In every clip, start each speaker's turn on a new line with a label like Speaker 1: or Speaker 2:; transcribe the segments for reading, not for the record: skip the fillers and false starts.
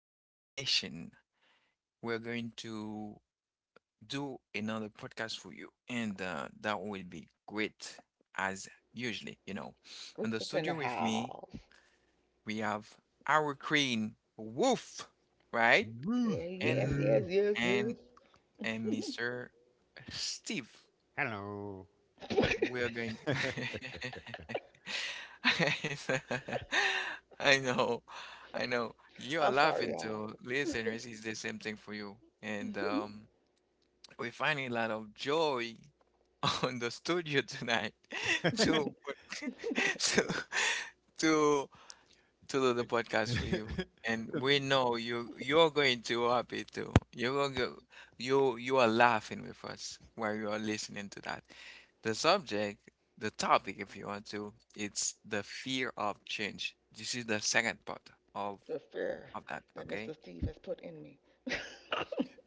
Speaker 1: our station. We're going to do another podcast for you, and that will be great as usually, you know. In the
Speaker 2: Rufus in
Speaker 1: studio
Speaker 2: the
Speaker 1: with me,
Speaker 2: house.
Speaker 1: we have our queen, Wolf, right?
Speaker 3: Ruth,
Speaker 2: Yeah, yes,
Speaker 1: And
Speaker 3: yeah.
Speaker 2: yes, yes, yes.
Speaker 1: and and Mr. Steve.
Speaker 3: Hello.
Speaker 1: We're going to I know, I know. You are
Speaker 2: I'm sorry,
Speaker 1: laughing
Speaker 2: y'all.
Speaker 1: too. Listeners, it's the same thing for you. And we're finding a lot of joy on the studio tonight to, to, to to do the podcast for you. And
Speaker 3: To-
Speaker 1: we know you're going to happy too. You're going to, you are laughing with us while you are listening to that. The subject, the topic, if you want to, it's the fear of change. This is the second part of
Speaker 2: The fear
Speaker 1: of that,
Speaker 2: that Mr.
Speaker 1: okay?
Speaker 2: Steve has put in me.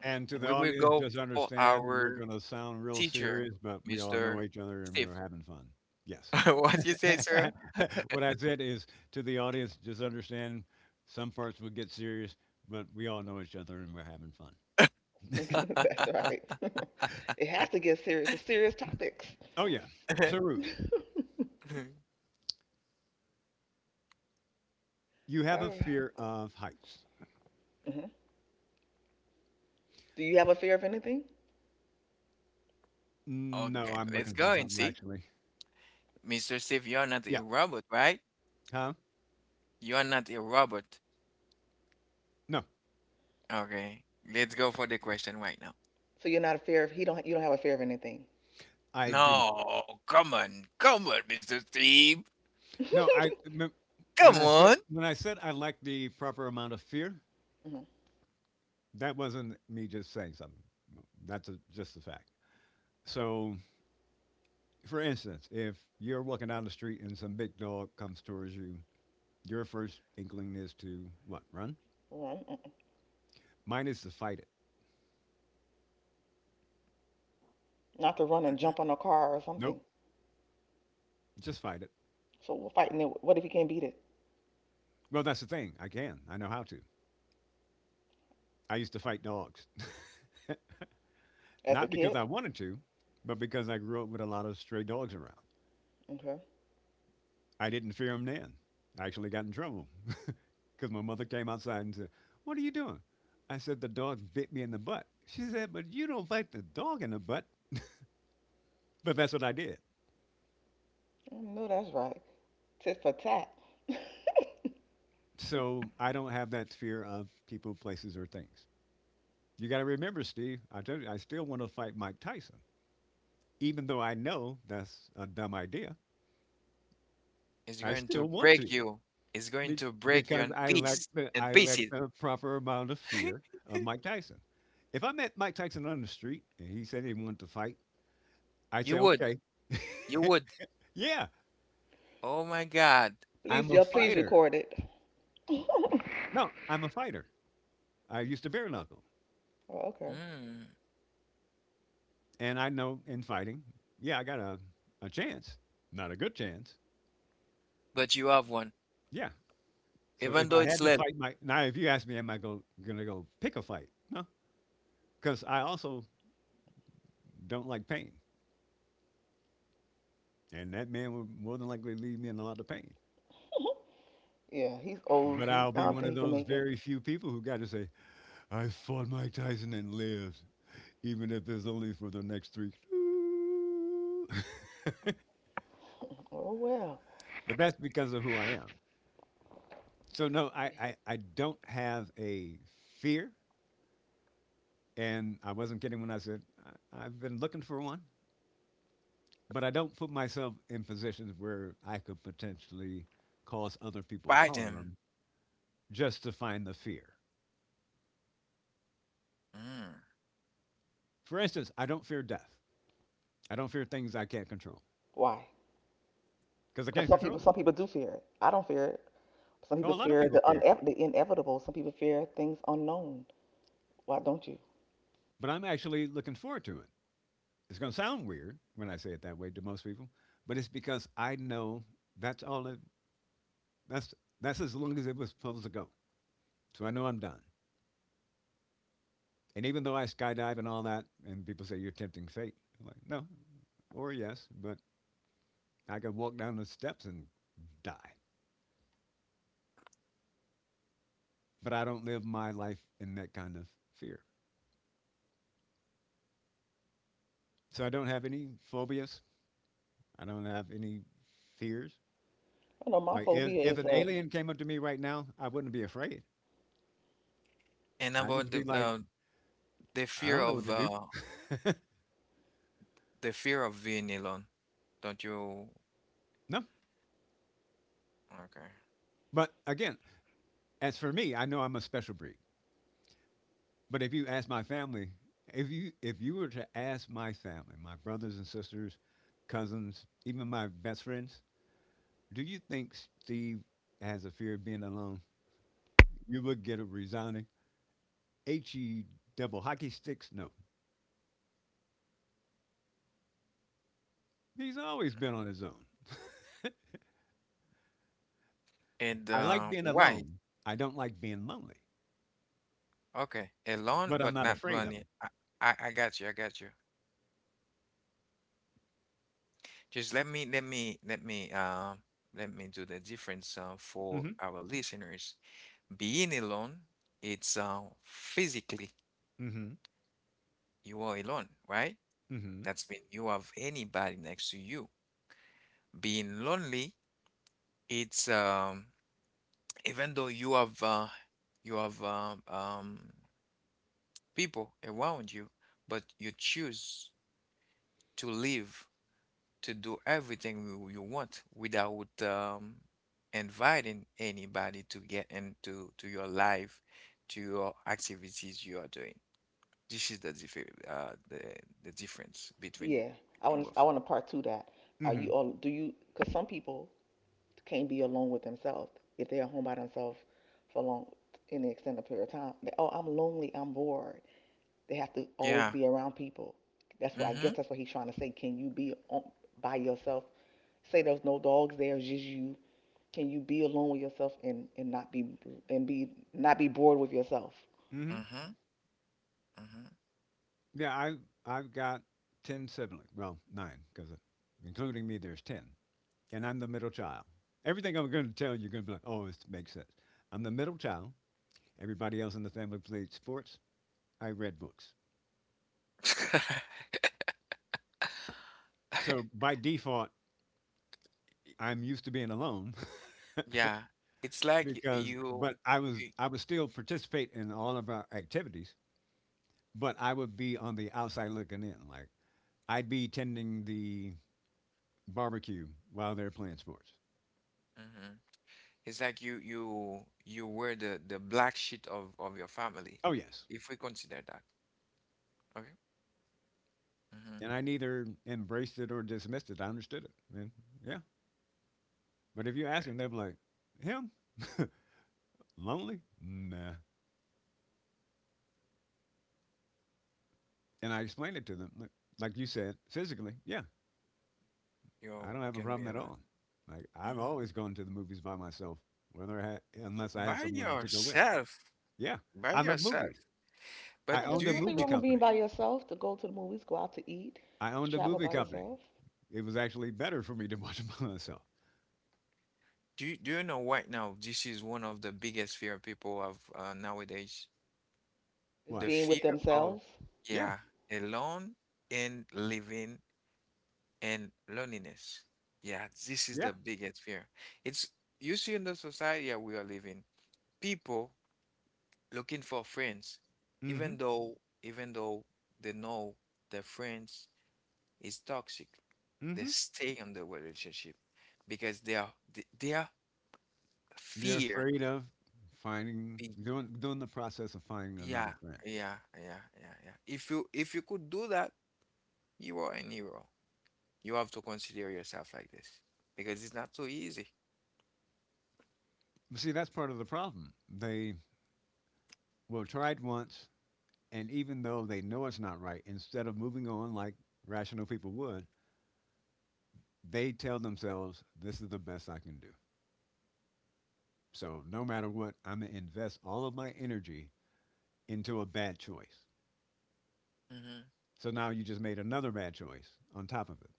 Speaker 3: and to the
Speaker 1: We will
Speaker 3: audience,
Speaker 1: go
Speaker 3: just
Speaker 1: for
Speaker 3: understand we're
Speaker 1: our
Speaker 3: going to sound real
Speaker 1: teacher,
Speaker 3: serious, but we all know
Speaker 1: Mr.
Speaker 3: each other and we're
Speaker 1: Steve.
Speaker 3: having fun. Yes.
Speaker 1: What you say, sir?
Speaker 3: What I said is to the audience, just understand some parts would get serious, but we all know each other and we're having fun.
Speaker 2: That's right. It has to get serious. It's serious topics.
Speaker 3: Oh, yeah. So, Ruth, you have a
Speaker 2: Oh.
Speaker 3: fear of heights.
Speaker 2: Mhm. Do you have a fear of anything?
Speaker 3: No,
Speaker 1: Okay,
Speaker 3: I'm
Speaker 1: let's
Speaker 3: looking for
Speaker 1: go and
Speaker 3: something
Speaker 1: see.
Speaker 3: actually.
Speaker 1: Mr. Steve, you're not a
Speaker 3: Yeah.
Speaker 1: robot, right?
Speaker 3: Huh?
Speaker 1: You are not a robot.
Speaker 3: No,
Speaker 1: Okay, let's go for the question right now.
Speaker 2: So you're not a fear of he don't you don't have a fear of anything.
Speaker 3: I do.
Speaker 1: No, come on, come on, Mr. Steve.
Speaker 3: No, I me-
Speaker 1: Come
Speaker 3: when I said
Speaker 1: on.
Speaker 3: when I said I lacked the proper amount of fear,
Speaker 2: Mhm.
Speaker 3: that wasn't me just saying something. No, that's a, just a fact. So, for instance, if you're walking down the street and some big dog comes towards you, your first inkling is to what? Run?
Speaker 2: Well, mm-mm.
Speaker 3: Mine is to fight it.
Speaker 2: Not to run and
Speaker 1: Mhm.
Speaker 2: jump on a car or
Speaker 3: Nope,
Speaker 2: something.
Speaker 3: just fight it.
Speaker 2: So we're fighting it. What if he can't beat it?
Speaker 3: Well, that's the thing. I can. I know how to. I used to fight dogs.
Speaker 2: As a
Speaker 3: Not because
Speaker 2: kid?
Speaker 3: I wanted to, but because I grew up with a lot of stray dogs around.
Speaker 2: Okay.
Speaker 3: I didn't fear them then. I actually got in trouble because my mother came outside and said, "What are you doing?" I said, "The dog bit me in the butt." She said, "But you don't bite the dog in the butt." But that's what I did.
Speaker 2: I know that's right. Tit for tat.
Speaker 3: So I don't have that fear of people, places, or things. You got to remember, Steve, I told you, I still want to fight Mike Tyson. Even though I know that's a dumb idea,
Speaker 1: It's
Speaker 3: I
Speaker 1: going
Speaker 3: still
Speaker 1: to
Speaker 3: want
Speaker 1: break
Speaker 3: to
Speaker 1: you. It's going
Speaker 3: be-
Speaker 1: to break you
Speaker 3: because
Speaker 1: in
Speaker 3: I lack the, I lack
Speaker 1: pieces.
Speaker 3: the proper amount of fear of Mike Tyson. If I met Mike Tyson on the street and he said he wanted to fight, I'd
Speaker 1: You
Speaker 3: say,
Speaker 1: would.
Speaker 3: okay.
Speaker 1: You would.
Speaker 3: Yeah,
Speaker 1: Oh my God.
Speaker 3: I'm
Speaker 2: Please,
Speaker 3: a
Speaker 2: y'all, please
Speaker 3: fighter.
Speaker 2: record it.
Speaker 3: No, I'm a fighter. I used to bare knuckle,
Speaker 2: Oh, okay.
Speaker 1: Mm.
Speaker 3: and I know in fighting, yeah, I got a chance, not a good chance.
Speaker 1: But you have one.
Speaker 3: Yeah. So
Speaker 1: Even
Speaker 3: if
Speaker 1: though
Speaker 3: I
Speaker 1: it's
Speaker 3: had to
Speaker 1: led
Speaker 3: fight my now, if you ask me, am I gonna go pick a fight? No, because I also don't like pain, and that man will more than likely leave me in a lot of pain.
Speaker 2: Yeah, he's old.
Speaker 3: But I'll
Speaker 2: I
Speaker 3: be
Speaker 2: don't
Speaker 3: one
Speaker 2: think
Speaker 3: of
Speaker 2: he can
Speaker 3: those
Speaker 2: make it.
Speaker 3: very few people who got to say, I fought Mike Tyson and lived, even if it's only for the next three.
Speaker 2: Oh well.
Speaker 3: But that's because of who I am. So no, I don't have a fear, and I wasn't kidding when I said I've been looking for one, but I don't put myself in positions where I could potentially cause other people
Speaker 1: by them.
Speaker 3: harm just to find the fear.
Speaker 1: Mm.
Speaker 3: For instance, I don't fear death. I don't fear things I can't control
Speaker 2: Why?
Speaker 3: because I
Speaker 2: Because
Speaker 3: can't control it.
Speaker 2: some people do fear it. I don't fear it. Some people
Speaker 3: Oh, a lot of
Speaker 2: fear
Speaker 3: people
Speaker 2: the
Speaker 3: fear it,
Speaker 2: the inevitable. Some people fear things unknown. Why don't you?
Speaker 3: but I'm actually looking forward to it. It's going to sound weird when I say it that way to most people, but it's because I know that's all it, that's as long as it was supposed to go. So I know I'm done. And even though I skydive and all that, and people say you're tempting fate, I'm like, no, or yes, but I could walk down the steps and die. But I don't live my life in that kind of fear. So I don't have any phobias. I don't have any fears.
Speaker 2: I know my
Speaker 3: Like
Speaker 2: phobia
Speaker 3: if
Speaker 2: is
Speaker 3: an alien came up to me right now, I wouldn't be afraid.
Speaker 1: And
Speaker 3: I'd
Speaker 1: about
Speaker 3: just be
Speaker 1: the
Speaker 3: like,
Speaker 1: the
Speaker 3: I
Speaker 1: fear
Speaker 3: don't know what
Speaker 1: of
Speaker 3: to do.
Speaker 1: uh, the fear of being alone. Don't you?
Speaker 3: No.
Speaker 1: Okay.
Speaker 3: But again, as for me, I know I'm a special breed. But if you ask my family, if you were to ask my family, my brothers and sisters, cousins, even my best friends, do you think Steve has a fear of being alone? You would get a resounding H E double hockey sticks. No, he's always been on his own.
Speaker 1: And
Speaker 3: I like being
Speaker 1: why?
Speaker 3: alone. I don't like being lonely,
Speaker 1: Okay, a loan,
Speaker 3: but I'm
Speaker 1: but
Speaker 3: not
Speaker 1: not
Speaker 3: afraid
Speaker 1: blown
Speaker 3: of
Speaker 1: yet. I got you. I got you. Just let me do the difference
Speaker 3: it.
Speaker 1: for
Speaker 3: Mm-hmm.
Speaker 1: our listeners. Being alone, it's physically
Speaker 3: Mm-hmm.
Speaker 1: you are alone, right?
Speaker 3: Mm-hmm.
Speaker 1: That's mean you have anybody next to you. Being lonely, it's even though you have people around you, but you choose to live to do everything you want without inviting anybody to get into to your life, to your activities you are doing. This is the differ the difference between
Speaker 2: yeah. I
Speaker 1: both.
Speaker 2: want to part two that. Are
Speaker 3: Mm-hmm.
Speaker 2: you all do you? Because some people can't be alone with themselves if they're at home by themselves for long any extended period of time. They, oh, I'm lonely. I'm bored. They have to always
Speaker 1: Yeah.
Speaker 2: be around people. That's what, I
Speaker 1: Mm-hmm.
Speaker 2: guess that's what he's trying to say. Can you be on, by yourself? Say there's no dogs there, it's just you. Can you be alone with yourself and, not be and be not be bored with yourself?
Speaker 3: Mm-hmm.
Speaker 1: Mm-hmm.
Speaker 3: Yeah, I've got 10 siblings. Well, nine because including me, there's 10. And I'm the middle child. Everything I'm going to tell you, you're going to be like, oh, this makes sense. I'm the middle child. Everybody else in the family played sports. I read books.
Speaker 1: Mm-hmm.
Speaker 3: So by default, I'm used to being alone
Speaker 1: Yeah. It's like y- you,
Speaker 3: but I was,
Speaker 1: you
Speaker 3: I would still participate in all of our activities, but I would be on the outside looking in. Like I'd be tending the barbecue while they're playing sports.
Speaker 1: Mhm. It's like you were the black sheep of your family,
Speaker 3: Oh, yes.
Speaker 1: if we consider that. Okay. Mm-hmm.
Speaker 3: And I neither embraced it or dismissed it. I understood it. And yeah. But if you ask
Speaker 1: Okay.
Speaker 3: them, they're like, him? Lonely? Nah. And I explained it to them, like you said, physically, yeah, I
Speaker 1: You
Speaker 3: don't have a
Speaker 1: can be
Speaker 3: problem at
Speaker 1: alone.
Speaker 3: all. Like I've
Speaker 1: Hmm.
Speaker 3: always gone to the movies by myself, whether I had, unless I had
Speaker 1: By
Speaker 3: someone to go with.
Speaker 1: yourself.
Speaker 3: Yeah,
Speaker 1: By
Speaker 3: I love
Speaker 1: yourself.
Speaker 3: movies.
Speaker 1: But
Speaker 3: I
Speaker 2: Yeah,
Speaker 3: owned
Speaker 2: there's
Speaker 3: a
Speaker 2: nothing
Speaker 3: movie
Speaker 2: wrong with being
Speaker 3: company.
Speaker 2: by yourself. To go to the movies, go out to eat,
Speaker 3: I
Speaker 2: to
Speaker 3: owned a
Speaker 2: travel
Speaker 3: movie
Speaker 2: by
Speaker 3: company.
Speaker 2: yourself.
Speaker 3: It was actually better for me to watch it by myself.
Speaker 1: do you know right now this is one of the biggest fear people have nowadays?
Speaker 2: It's
Speaker 1: The
Speaker 3: What?
Speaker 2: being with
Speaker 1: fear of,
Speaker 2: themselves.
Speaker 3: Yeah,
Speaker 1: yeah, alone and living and loneliness. Yeah, this is
Speaker 3: yeah.
Speaker 1: the biggest fear. It's you see in the society that we are living, people looking for friends,
Speaker 3: Mm-hmm.
Speaker 1: even though even though they know their friends is toxic. They
Speaker 3: Mm-hmm.
Speaker 1: stay on the relationship because they are they are
Speaker 3: They're
Speaker 1: fear.
Speaker 3: afraid of finding
Speaker 1: Be-
Speaker 3: doing the process of finding another
Speaker 1: yeah,
Speaker 3: friend.
Speaker 1: yeah. If you could do that, you are an hero. You have to consider yourself like this because it's not so easy.
Speaker 3: But see, that's part of the problem. They will try it once, and even though they know it's not right, instead of moving on like rational people would, they tell themselves, this is the best I can do. So no matter what, I'm going to invest all of my energy into a bad choice.
Speaker 1: Hmm.
Speaker 3: So now you just made another bad choice on top of it.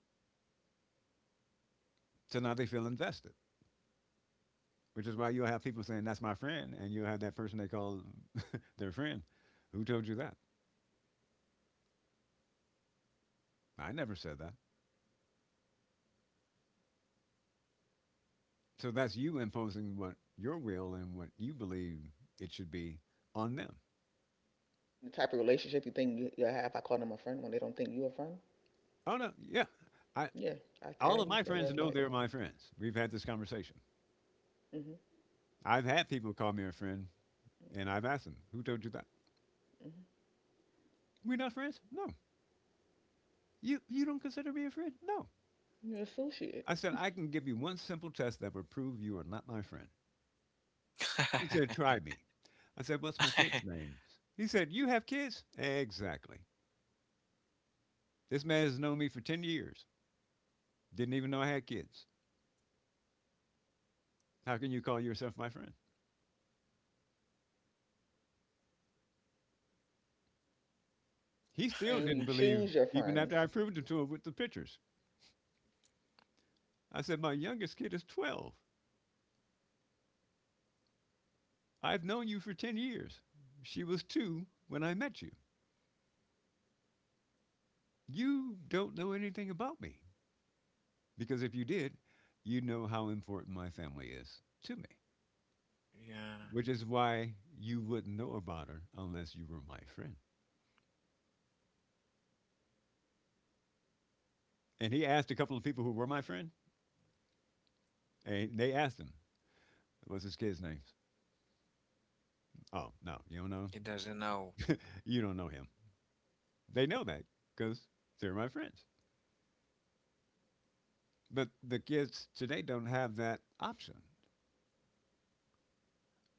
Speaker 3: So now they feel invested, which is why you'll have people saying, that's my friend. And you'll have that person they call their friend. Who told you that? I never said that. So that's you imposing what your will and what you believe it should be on them.
Speaker 2: The type of relationship you think you, you have. I call them a friend when they don't think you a friend.
Speaker 3: Oh, no. Yeah. I,
Speaker 2: Yeah, I
Speaker 3: all of
Speaker 2: use
Speaker 3: my
Speaker 2: that
Speaker 3: friends
Speaker 2: word
Speaker 3: know they're
Speaker 2: lightly.
Speaker 3: my friends. We've had this conversation.
Speaker 2: Hmm.
Speaker 3: I've had people call me a friend, and I've asked them, "Who told you that?
Speaker 2: Hmm.
Speaker 3: We're not friends? No. You don't consider me a friend? No."
Speaker 2: You associate
Speaker 3: I said, "I can give you one simple test that will prove you are not my friend." He said, "Try me." I said, "What's my kids' names?" He said, "You have kids?" Exactly. This man has known me for 10 years. Didn't even know I had kids. How can you call yourself my friend? He still
Speaker 2: saying
Speaker 3: didn't
Speaker 2: you
Speaker 3: believe,
Speaker 2: choose your
Speaker 3: even
Speaker 2: friends.
Speaker 3: after I proved it to him with the pictures. I said, "My youngest kid is 12. I've known you for 10 years. She was two when I met you. You don't know anything about me because if you did, you'd know how important my family is to me,
Speaker 1: Yeah,
Speaker 3: which is why you wouldn't know about her unless you were my friend." And he asked a couple of people who were my friend, and they asked him, "What's his kid's name? Oh, no, you don't know?
Speaker 1: he doesn't know.
Speaker 3: You don't know him." They know that because they're my friends. But the kids today don't have that option.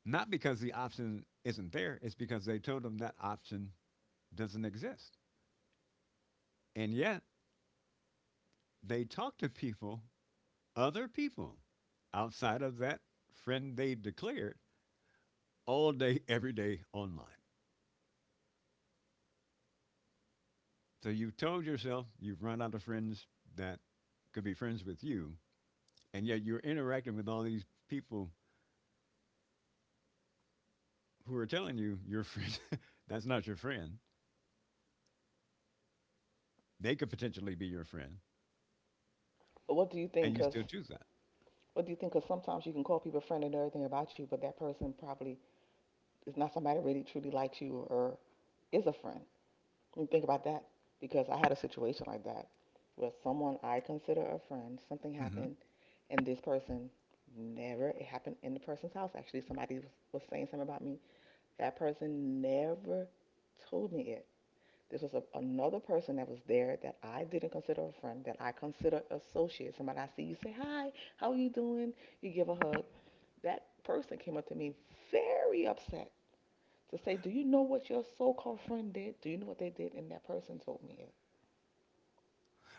Speaker 3: Not because the option isn't there, it's because they told them that option doesn't exist. And yet they talk to people, other people, outside of that friend they declared all day, every day online. So you've told yourself you've run out of friends that could be friends with you, and yet you're interacting with all these people who are telling you your friend that's not your friend. They could potentially be your friend,
Speaker 2: What do you
Speaker 3: and
Speaker 2: think?
Speaker 3: you
Speaker 2: Cause
Speaker 3: still choose that.
Speaker 2: what do you think? Cause sometimes you can call people friend and everything about you, but that person probably is not somebody that really truly likes you or is a friend. You think about that because I had a situation like that where someone I consider a friend, something
Speaker 3: Hmm.
Speaker 2: happened, and this person never. It happened in the person's house. Actually, was saying something about me. That person never told me it. This was another person that was there that I didn't consider a friend, that I consider associate. Somebody I see, you say, "Hi, how are you doing?" You give a hug. That person came up to me very upset to say, "Do you know what your so called friend did? Do you know what they did?" And that person told me it.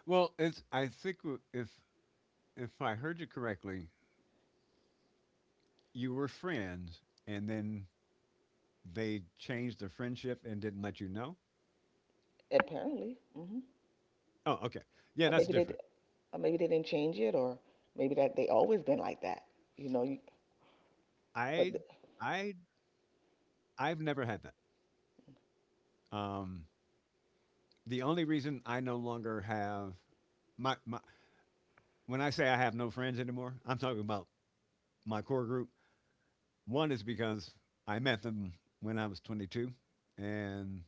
Speaker 3: Well, it's I think if I heard you correctly, you were friends, and then they changed the friendship and didn't let you know.
Speaker 2: Apparently. Hmm.
Speaker 3: Oh, okay. Yeah,
Speaker 2: Or
Speaker 3: that's
Speaker 2: maybe they,
Speaker 3: different.
Speaker 2: or maybe they didn't change it, or maybe that they always been like that. You know, you, but
Speaker 3: I, I, I've never had that. Um, the only reason I no longer have my my when I say I have no friends anymore, I'm talking about my core group. One is because I met them when I was 22, and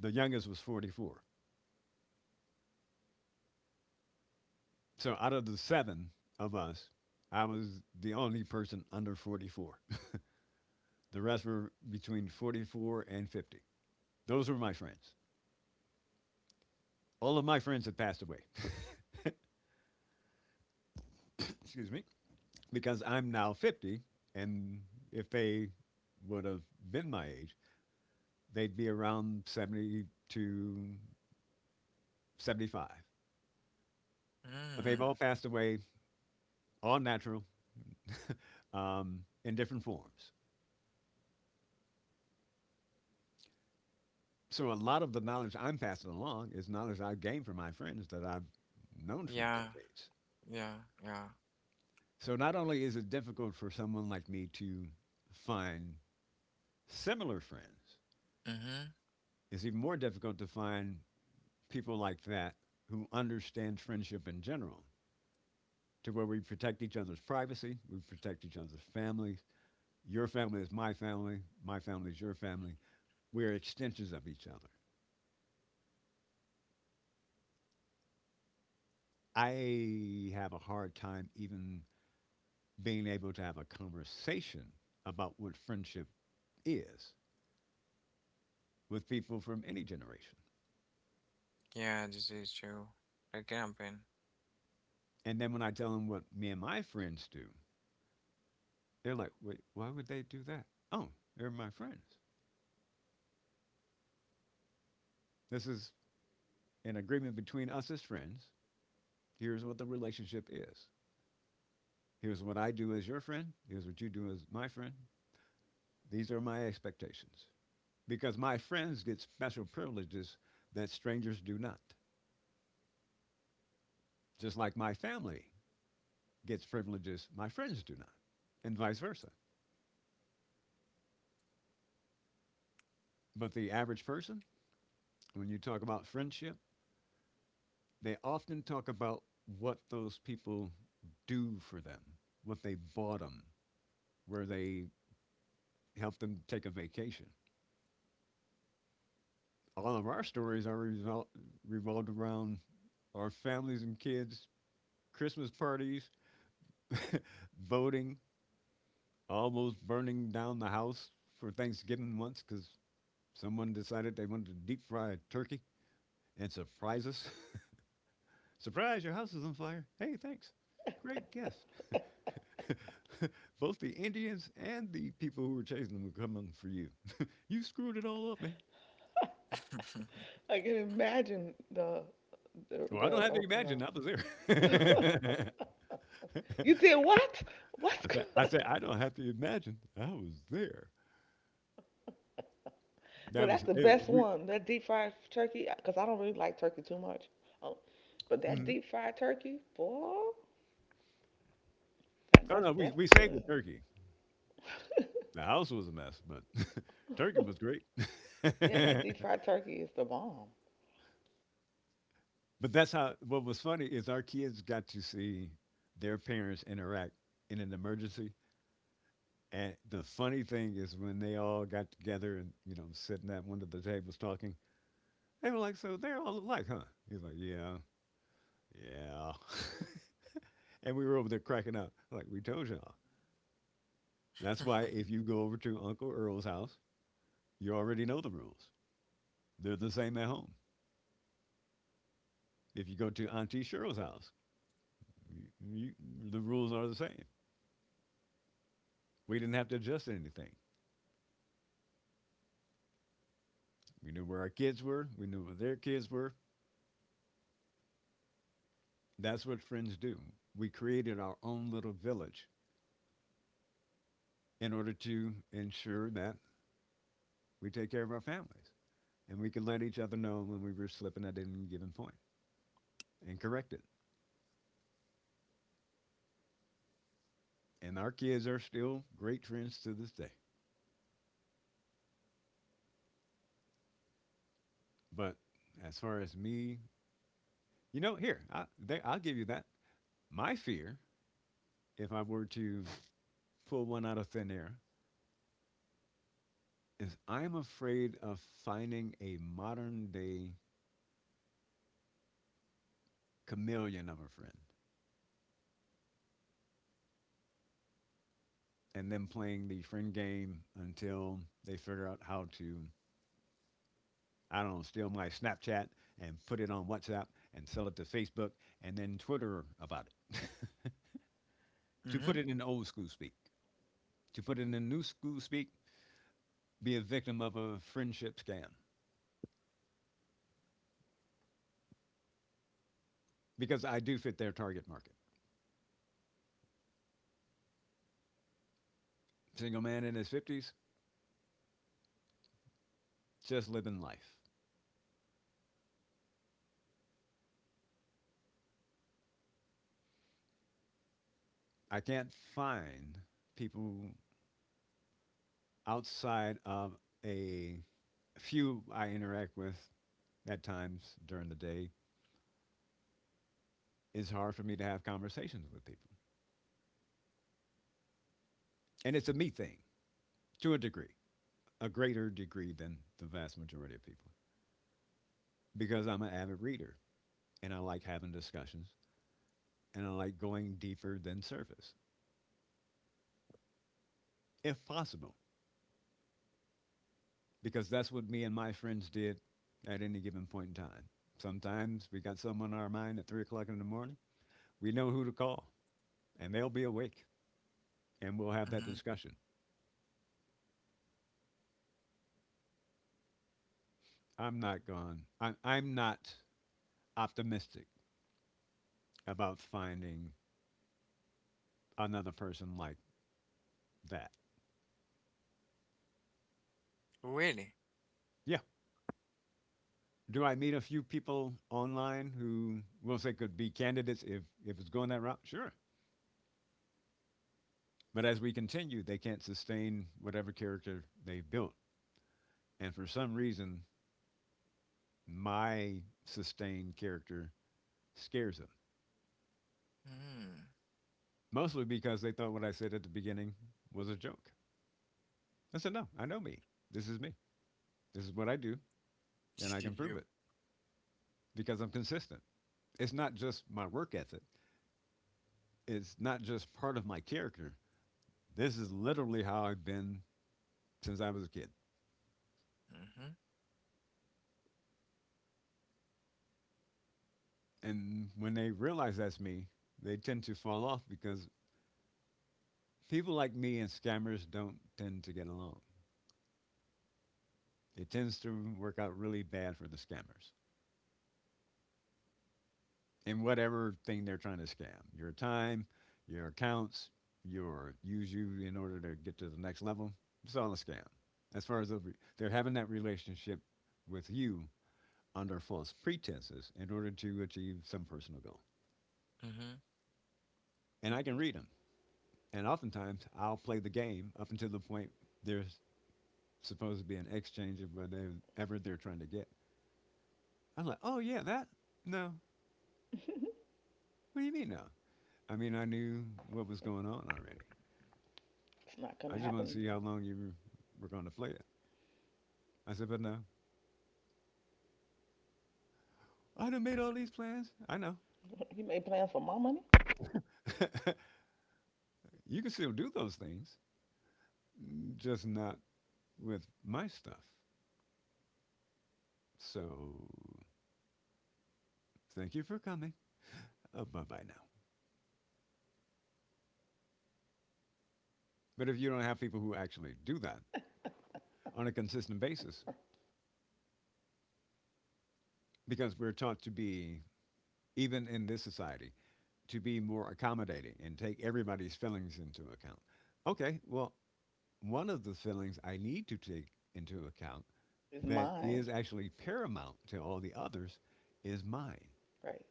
Speaker 3: the youngest was 44. So out of the seven of us, I was the only person under 44. The rest were between 44 and 50. Those were my friends. All of my friends have passed away, excuse me, because I'm now 50. And if they would have been my age, they'd be around 70 to 75. But they've
Speaker 1: Mm,
Speaker 3: all passed away, all natural, um, in different forms. So a lot of the knowledge I'm passing along is knowledge I've gained from my friends that I've known for
Speaker 1: yeah,
Speaker 3: decades.
Speaker 1: yeah, yeah.
Speaker 3: So not only is it difficult for someone like me to find similar friends,
Speaker 1: Mm-hmm.
Speaker 3: is even more difficult to find people like that who understand friendship in general, to where we protect each other's privacy, we protect each other's families. Your family is my family is your family. We're extensions of each other. I have a hard time even being able to have a conversation about what friendship is with people from any generation.
Speaker 1: Yeah, this is true. The campaign.
Speaker 3: And then when I tell them what me and my friends do, they're like, "Wait, why would they do that? Oh, they're my friends. This is an agreement between us as friends. Here's what the relationship is. Here's what I do as your friend. Here's what you do as my friend. These are my expectations." Because my friends get special privileges that strangers do not. Just like my family gets privileges my friends do not, and vice versa. But the average person, when you talk about friendship, they often talk about what those people do for them, what they bought them, where they helped them take a vacation. All of our stories are revolved around our families and kids, Christmas parties, voting, almost burning down the house for Thanksgiving once because someone decided they wanted to deep fry a turkey and surprise us. Surprise, your house is on fire. Hey, thanks. Great gift. Both the Indians and the people who were chasing them were coming for you. You screwed it all up, man.
Speaker 2: I can imagine
Speaker 3: Well, I
Speaker 2: the
Speaker 3: don't have to
Speaker 2: opera.
Speaker 3: imagine. I was there.
Speaker 2: You did what? What's
Speaker 3: I said, I don't have to imagine. I was there.
Speaker 2: No,
Speaker 3: That
Speaker 2: that's
Speaker 3: was
Speaker 2: the
Speaker 3: it,
Speaker 2: best
Speaker 3: we.
Speaker 2: one. That deep fried turkey, because I don't really like turkey too much. Oh, but that
Speaker 3: Mhm.
Speaker 2: deep fried turkey, boy,
Speaker 3: No, no, we
Speaker 2: that's
Speaker 3: saved the
Speaker 2: good.
Speaker 3: turkey. The house was a mess, but turkey was great.
Speaker 2: Yeah, that
Speaker 3: But
Speaker 2: deep fried turkey is the bomb.
Speaker 3: that's how. What was funny is our kids got to see their parents interact in an emergency. And the funny thing is when they all got together and you know sitting at one of the tables talking, they were like, "So they're all alike, huh?" He's like, "Yeah, yeah." And we were over there cracking up, like we told you, that's why if you go over to Uncle Earl's house, you already know the rules. They're the same at home. If you go to Auntie Cheryl's house, you, you, the rules are the same. We didn't have to adjust anything. We knew where our kids were, we knew where their kids were. That's what friends do. We created our own little village in order to ensure that we take care of our families and we can let each other know when we were slipping at any given point and correct it. And our kids are still great friends to this day. But as far as me, you know, here, I'll give you that. My fear, if I were to pull one out of thin air, is I'm afraid of finding a modern day chameleon of a friend and then playing the friend game until they figure out how to, I don't know, steal my Snapchat and put it on WhatsApp and sell it to Facebook and then Twitter about it. To put
Speaker 1: Mm-hmm.
Speaker 3: it in old school speak, to put it in new school speak, be a victim of a friendship scam because I do fit their target market. Single man in his 50s, just living life. I can't find people outside of a few I interact with at times during the day. It's hard for me to have conversations with people. And it's a me thing to a degree, a greater degree than the vast majority of people, because I'm an avid reader and I like having discussions and I like going deeper than surface, if possible. Because that's what me and my friends did at any given point in time. Sometimes we got someone on our mind at 3 o'clock in the morning. We know who to call, and they'll be awake, and we'll have that
Speaker 1: Mm-hmm.
Speaker 3: discussion. I'm not gone. I'm not optimistic about finding another person like that.
Speaker 1: Really?
Speaker 3: Yeah. Do I meet a few people online who we'll say could be candidates if it's going that route? Sure. But as we continue, they can't sustain whatever character they've built, and for some reason, my sustained character scares them.
Speaker 1: Mm.
Speaker 3: Mostly because they thought what I said at the beginning was a joke. I said, no, I know me. This is me. This is what I do, and
Speaker 1: Just
Speaker 3: I
Speaker 1: do
Speaker 3: can prove
Speaker 1: you.
Speaker 3: it because I'm consistent. It's not just my work ethic, it's not just part of my character. This is literally how I've been since I was a kid.
Speaker 1: Mhm,
Speaker 3: And when they realize that's me, they tend to fall off because people like me and scammers don't tend to get along. It tends to work out really bad for the scammers in whatever thing they're trying to scam: your time, your accounts, your use you in order to get to the next level. It's all a scam. As far as they're having that relationship with you under false pretenses in order to achieve some personal goal.
Speaker 1: mhm,
Speaker 3: And I can read them. And oftentimes I'll play the game up until the point there's supposed to be an exchange of whatever they're trying to get. I'm like, "Oh, yeah, that? No." "What do you mean, no?" I mean, I knew what was going on already.
Speaker 2: It's not gonna
Speaker 3: I just want to
Speaker 2: happen.
Speaker 3: see how long you were going to play it. I said, "But no, I done made all these plans. I know."
Speaker 2: You made plans for my money?
Speaker 3: You can still do those things, just not with my stuff. So thank you for coming. Bye bye now. But if you don't have people who actually do that on a consistent basis, because we're taught to be, even in this society, to be more accommodating and take everybody's feelings into account. Okay, well, one of the feelings I need to take into account
Speaker 2: It's
Speaker 3: that
Speaker 2: mine,
Speaker 3: is actually paramount to all the others is mine.
Speaker 2: right?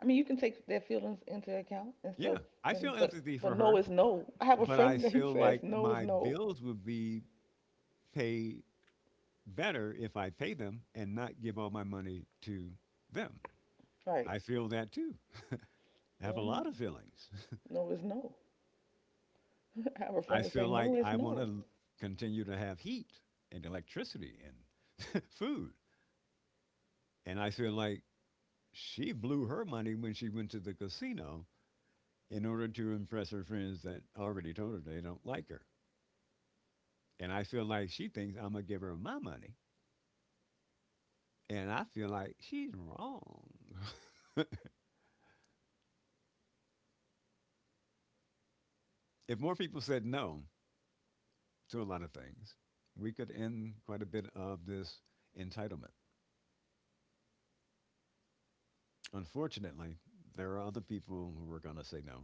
Speaker 2: I mean, you can take their feelings into account and
Speaker 3: Yeah,
Speaker 2: still,
Speaker 3: I feel
Speaker 2: and
Speaker 3: empathy
Speaker 2: but
Speaker 3: for
Speaker 2: no
Speaker 3: her,
Speaker 2: is no. I have a
Speaker 3: but I
Speaker 2: friend that he
Speaker 3: feel
Speaker 2: says
Speaker 3: like
Speaker 2: no is
Speaker 3: my
Speaker 2: no,
Speaker 3: bills would be paid better if I pay them and not give all my money to them.
Speaker 2: right?
Speaker 3: I feel that too. I have a
Speaker 2: Hmm.
Speaker 3: lot of feelings.
Speaker 2: No is no. I have a
Speaker 3: I
Speaker 2: friend who say
Speaker 3: feel
Speaker 2: no
Speaker 3: like
Speaker 2: is
Speaker 3: I want
Speaker 2: no.
Speaker 3: to continue to have heat and electricity and food. And I feel like she blew her money when she went to the casino in order to impress her friends that already told her they don't like her. And I feel like she thinks I'm going to give her my money. And I feel like she's wrong. If more people said no to a lot of things, we could end quite a bit of this entitlement. Unfortunately, there are other people who are going to say no,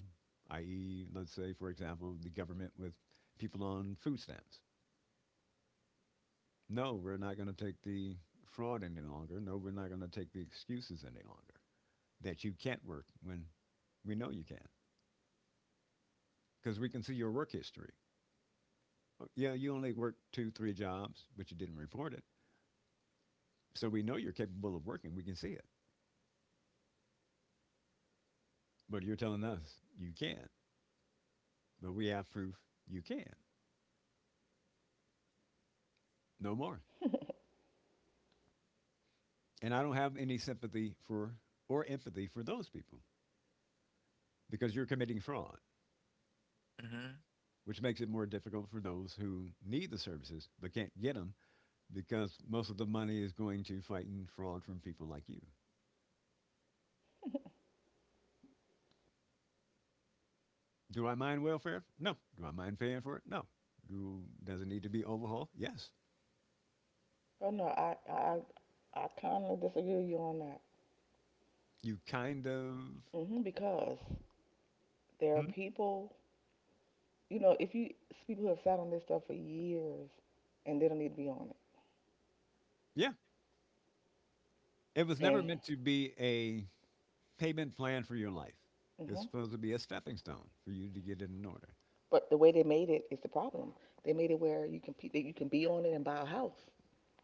Speaker 3: i.e., let's say, for example, the government with people on food stamps. No, we're not going to take the fraud any longer. No, we're not going to take the excuses any longer that you can't work when we know you can because we can see your work history. Yeah, you only worked two, three jobs, but you didn't report it. So we know you're capable of working. We can see it. But you're telling us you can't. But we have proof you can. No more. And I don't have any sympathy for or empathy for those people because you're committing fraud,
Speaker 1: mhm,
Speaker 3: which makes it more difficult for those who need the services but can't get them because most of the money is going to fighting fraud from people like you. Do I mind welfare? No. Do I mind paying for it? No. Do, does it need to be overhauled? Yes.
Speaker 2: Oh no, I I kind of disagree with you on that.
Speaker 3: You kind of
Speaker 2: Hmm. Because there are
Speaker 3: Hmm?
Speaker 2: people, you know, if you it's people who have sat on this stuff for years and they don't need to be on
Speaker 3: Yeah. It was never
Speaker 2: it.
Speaker 3: meant to be a payment plan for your life.
Speaker 2: And
Speaker 3: It's
Speaker 2: hmm
Speaker 3: supposed to be a stepping stone for you to get it in order.
Speaker 2: but the way they made it is the problem. They made it where you can that you can be on it and buy a house.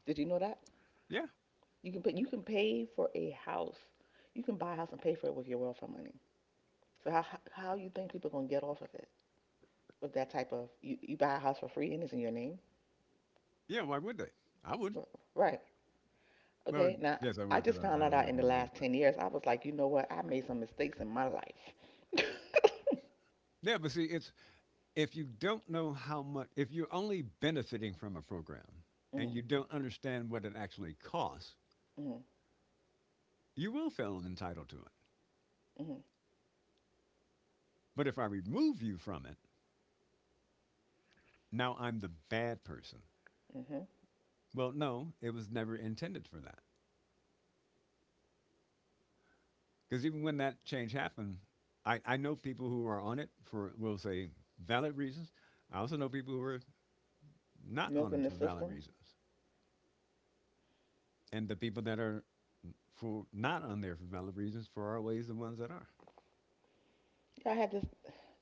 Speaker 2: Did you know that?
Speaker 3: Yeah.
Speaker 2: You can pay for a house. You can buy a house and pay for it with your welfare money. So how you think people gonna get off of it with that type of you buy a house for free and it's in your name?
Speaker 3: Yeah. Why would they? I would.
Speaker 2: R- Right.
Speaker 3: Well,
Speaker 2: Okay, now
Speaker 3: yes, I
Speaker 2: I
Speaker 3: would because
Speaker 2: just
Speaker 3: I,
Speaker 2: found
Speaker 3: I
Speaker 2: that
Speaker 3: don't
Speaker 2: out
Speaker 3: like
Speaker 2: in the
Speaker 3: being lazy.
Speaker 2: last
Speaker 3: But
Speaker 2: 10 years. I was like, you know what? I made some mistakes in my life.
Speaker 3: yeah, but see, it's if you don't know how much, if you're only benefiting from a program and
Speaker 2: Mm,
Speaker 3: you don't understand what it actually costs,
Speaker 2: mm,
Speaker 3: you will feel entitled to it.
Speaker 2: mm,
Speaker 3: But if I remove you from it, now I'm the bad person.
Speaker 2: mm-hmm.
Speaker 3: Well, no, it was never intended for that. Because even when that change happened, I know people who are on it for, we'll say, valid reasons. I also know people who are not on
Speaker 2: Milking
Speaker 3: it
Speaker 2: the
Speaker 3: for valid
Speaker 2: system.
Speaker 3: reasons. And the people that are for not on there for valid reasons, for our ways, the ones that are.
Speaker 2: Yeah, I had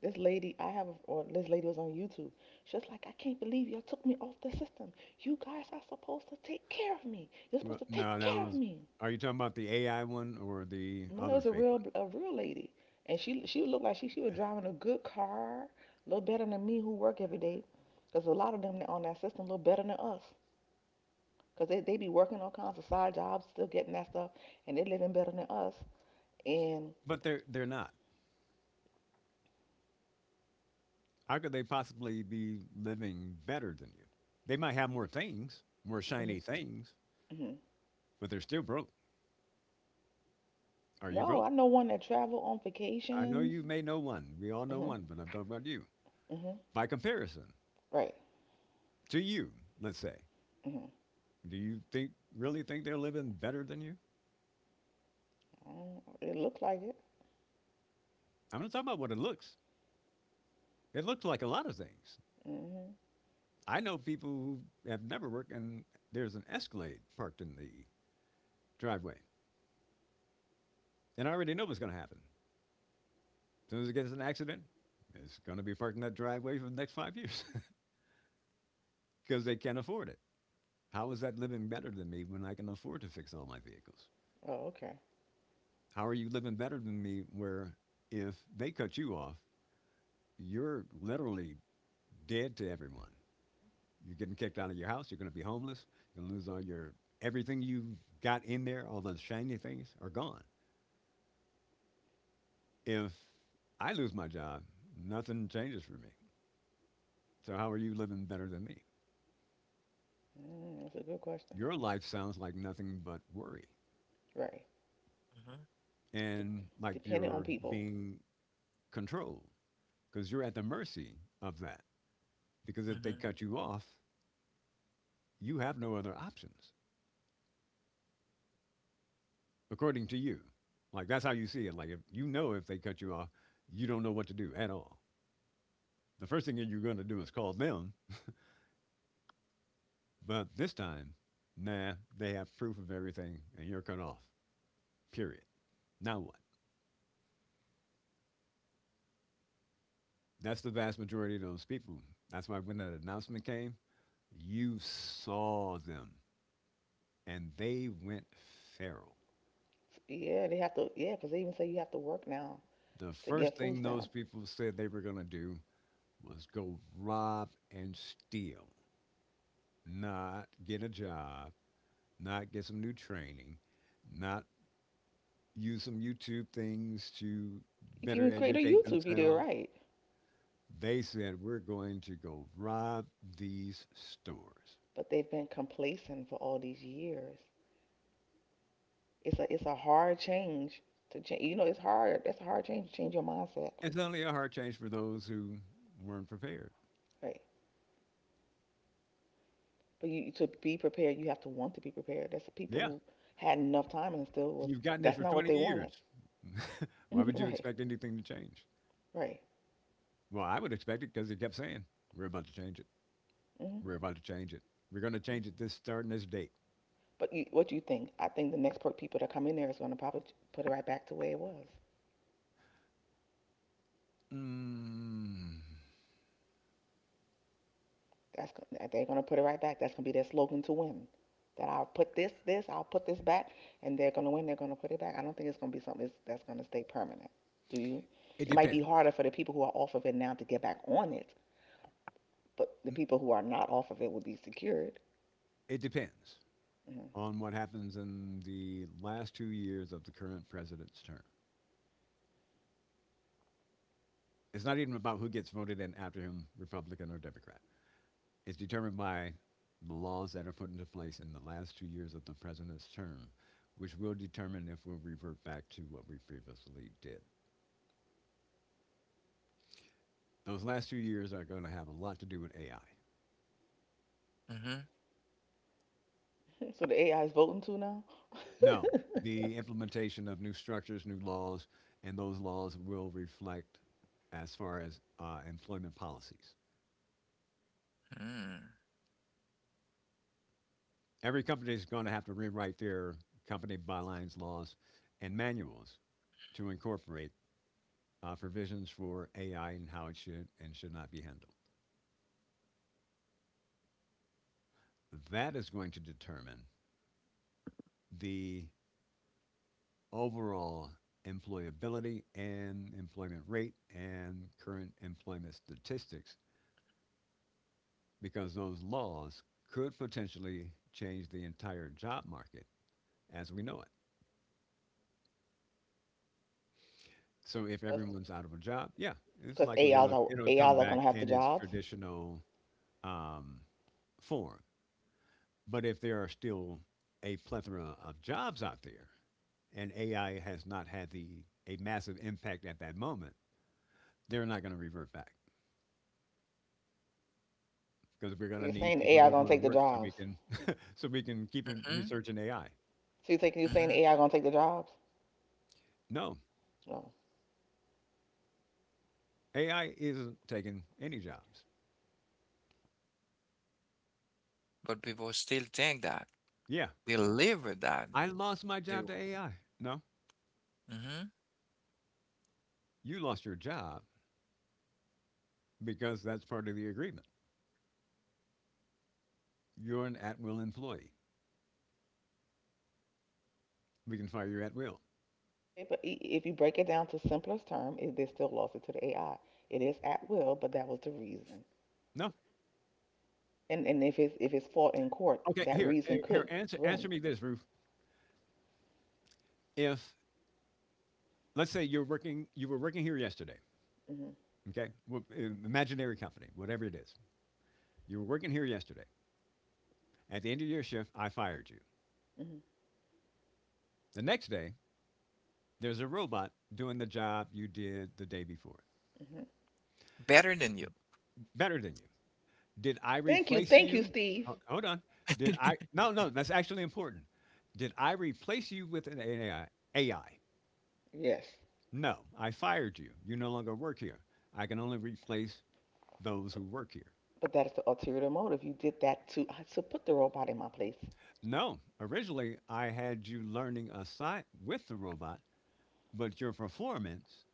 Speaker 2: this lady, I have, or this lady was on YouTube. She was like, "I can't believe y'all took me off the system. You guys are supposed to take care of me. You're supposed
Speaker 3: Well,
Speaker 2: to
Speaker 3: no,
Speaker 2: take
Speaker 3: that
Speaker 2: care of
Speaker 3: was.
Speaker 2: me."
Speaker 3: Are you talking about the AI one or the
Speaker 2: No, it
Speaker 3: other
Speaker 2: was
Speaker 3: fake one?
Speaker 2: a real lady, and she looked like she was driving a good car, a little better than me who work every day, because a lot of them that on that system look better than us. Because they be working all kinds of side jobs, still getting that stuff, and they living better than us. And
Speaker 3: But they're not. How could they possibly be living better than you? They might have more things, more
Speaker 2: mhm,
Speaker 3: shiny things,
Speaker 2: mhm.
Speaker 3: but they're still broke. Are you
Speaker 2: No,
Speaker 3: broke?
Speaker 2: I know one that travel on
Speaker 3: I know
Speaker 2: vacations.
Speaker 3: you may know one. We all know
Speaker 2: Hmm.
Speaker 3: one, but I'm talking about you.
Speaker 2: Hmm.
Speaker 3: By comparison
Speaker 2: Right.
Speaker 3: to you, let's say,
Speaker 2: Hmm.
Speaker 3: do you think really think they're living better than you?
Speaker 2: Mm, it looks like it.
Speaker 3: I'm not talking about what it looks. It looks like a lot of things.
Speaker 2: Hmm.
Speaker 3: I know people who have never worked, and there's an Escalade parked in the driveway, and I already know what's going to happen. As soon as it gets an accident, it's going to be parked in that driveway for the next 5 years because they can't afford it. How is that living better than me when I can afford to fix all my vehicles?
Speaker 2: Oh, okay.
Speaker 3: How are you living better than me where if they cut you off, you're literally dead to everyone. You're getting kicked out of your house. You're going to be homeless. You're going to lose all your everything you got in there. All the shiny things are gone. If I lose my job, nothing changes for me. So how are you living better than me?
Speaker 2: Mm, that's a good question.
Speaker 3: Your life sounds like nothing but worry,
Speaker 2: Right.
Speaker 1: mhm,
Speaker 2: De-
Speaker 3: and like
Speaker 2: Dependent on
Speaker 3: you're
Speaker 2: people.
Speaker 3: being controlled because you're at the mercy of that. Because if they
Speaker 1: mhm,
Speaker 3: cut you off, you have no other options, according to you. Like that's how you see it. Like if you know if they cut you off, you don't know what to do at all. The first thing that you're going to do is call them, but this time, nah, they have proof of everything and you're cut off. Period. Now what? That's the vast majority of those people. That's why when that announcement came, you saw them and they went feral.
Speaker 2: Yeah, they have to. Yeah, because they even say you have to work now
Speaker 3: The
Speaker 2: to
Speaker 3: first
Speaker 2: get food
Speaker 3: thing those
Speaker 2: stamps.
Speaker 3: people said they were going to do was go rob and steal, not get a job, not get some new training, not use some YouTube things to
Speaker 2: You can
Speaker 3: better
Speaker 2: even create a
Speaker 3: educate
Speaker 2: YouTube video,
Speaker 3: themselves.
Speaker 2: right?
Speaker 3: They said, "We're going to go rob these stores."
Speaker 2: But they've been complacent for all these years. It's a hard change to change. You know, it's hard. That's a hard change to change your mindset.
Speaker 3: It's only a hard change for those who weren't prepared.
Speaker 2: Right. But you to be prepared, you have to want to be prepared. That's the people
Speaker 3: Yeah,
Speaker 2: who had enough time and still was.
Speaker 3: you've gotten this
Speaker 2: That's
Speaker 3: for
Speaker 2: not what
Speaker 3: 20
Speaker 2: they wanted.
Speaker 3: years. Why would you
Speaker 2: Right.
Speaker 3: expect anything to change?
Speaker 2: Right.
Speaker 3: Well, I would expect it because he kept saying, "We're about to change it.
Speaker 2: Hmm.
Speaker 3: We're about to change it. We're going to change it this starting this date."
Speaker 2: But you, what do you think? I think the next people that come in there is going to probably put it right back to where it was.
Speaker 3: Mm,
Speaker 2: That's they're gonna put it right back. That's gonna be their slogan to win. That I'll put I'll put this back, and they're gonna win. They're gonna put it back. I don't think it's gonna be something that's gonna stay permanent. Do you?
Speaker 3: it
Speaker 2: It might be
Speaker 3: depends.
Speaker 2: harder for the people who are off of it now to get back on it, but the
Speaker 3: Mm,
Speaker 2: people who are not off of it will be secured.
Speaker 3: it depends
Speaker 2: Mhm.
Speaker 3: on what happens in the last 2 years of the current president's term. It's not even about who gets voted in after him, Republican or Democrat. It's determined by the laws that are put into place in the last 2 years of the president's term, which will determine if we'll revert back to what we previously did. Those last 2 years are going to have a lot to do with AI.
Speaker 1: mhm,
Speaker 2: So the AI is voting too now,
Speaker 3: No, the implementation of new structures, new laws, and those laws will reflect as far as employment policies.
Speaker 1: mhm,
Speaker 3: Every company is going to have to rewrite their company bylines, laws, and manuals to incorporate provisions for AI and how it should and should not be handled. That is going to determine the overall employability and employment rate and current employment statistics because those laws could potentially change the entire job market as we know it. So if
Speaker 2: because
Speaker 3: everyone's out of a job, yeah, it's
Speaker 2: AIs
Speaker 3: likely it'll,
Speaker 2: are
Speaker 3: it'll
Speaker 2: AIs
Speaker 3: come
Speaker 2: are
Speaker 3: back
Speaker 2: gonna have the
Speaker 3: in its
Speaker 2: jobs. So
Speaker 3: traditional um, form. But if there are still a plethora of jobs out there, and AI has not had the a massive impact at that moment, they're not going to revert back because we're going to
Speaker 2: you're
Speaker 3: need
Speaker 2: saying
Speaker 3: people
Speaker 2: AI
Speaker 3: to
Speaker 2: gonna
Speaker 3: go to
Speaker 2: take the
Speaker 3: work so we
Speaker 2: jobs?
Speaker 3: can so we can keep
Speaker 1: mhm,
Speaker 3: researching AI.
Speaker 2: So you're saying
Speaker 1: mhm.
Speaker 2: AI gonna take the jobs?
Speaker 3: No,
Speaker 2: No.
Speaker 3: AI isn't taking any jobs.
Speaker 1: But people still think that
Speaker 3: Yeah,
Speaker 1: they live with that.
Speaker 3: I lost my
Speaker 1: They're,
Speaker 3: job to AI. No,
Speaker 1: hmm,
Speaker 3: you lost your job because that's part of the agreement. You're an at will employee. We can fire you at will.
Speaker 2: Okay, but if you break it down to simplest term, it, they still lost it to the AI. It is at will, but that was the reason.
Speaker 3: No.
Speaker 2: And if it's fought in court,
Speaker 3: Okay,
Speaker 2: that
Speaker 3: here,
Speaker 2: reason
Speaker 3: here,
Speaker 2: could
Speaker 3: answer
Speaker 2: win.
Speaker 3: me this, Roof. If let's say you're working, you were working here yesterday,
Speaker 2: Hmm.
Speaker 3: okay. Well, imaginary company, whatever it is, you were working here yesterday. At the end of your shift, I fired you.
Speaker 2: Hmm.
Speaker 3: The next day, there's a robot doing the job you did the day before,
Speaker 2: Hmm.
Speaker 1: better than you.
Speaker 3: better than you. Did I replace
Speaker 2: Thank you,
Speaker 3: you?
Speaker 2: Steve.
Speaker 3: Hold on. Did I? No, no, that's actually important. Did I replace you with an AI? AI.
Speaker 2: Yes,
Speaker 3: No, I fired you. You no longer work here. I can only replace those
Speaker 2: but,
Speaker 3: who work here.
Speaker 2: but that is the ulterior motive. You did that to put the robot in my place.
Speaker 3: No, originally I had you learning a side with the robot, but your performance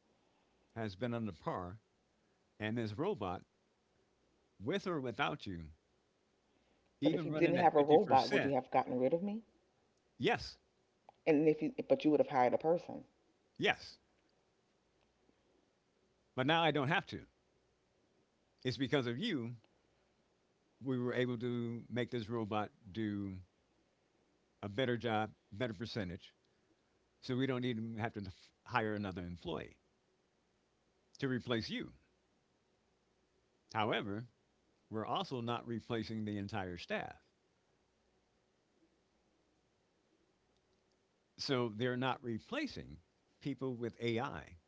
Speaker 3: has been under par, and this robot, with or without you,
Speaker 2: But if
Speaker 3: even
Speaker 2: you didn't
Speaker 3: running at
Speaker 2: have a robot, would you
Speaker 3: 50%,
Speaker 2: have gotten rid of me?
Speaker 3: yes,
Speaker 2: And if you but you would have hired a person.
Speaker 3: yes. But now I don't have to. It's because of you, we were able to make this robot do a better job, better percentage, so we don't even have to hire another employee to replace you. However, we're also not replacing the entire staff. So they're not replacing people with AI.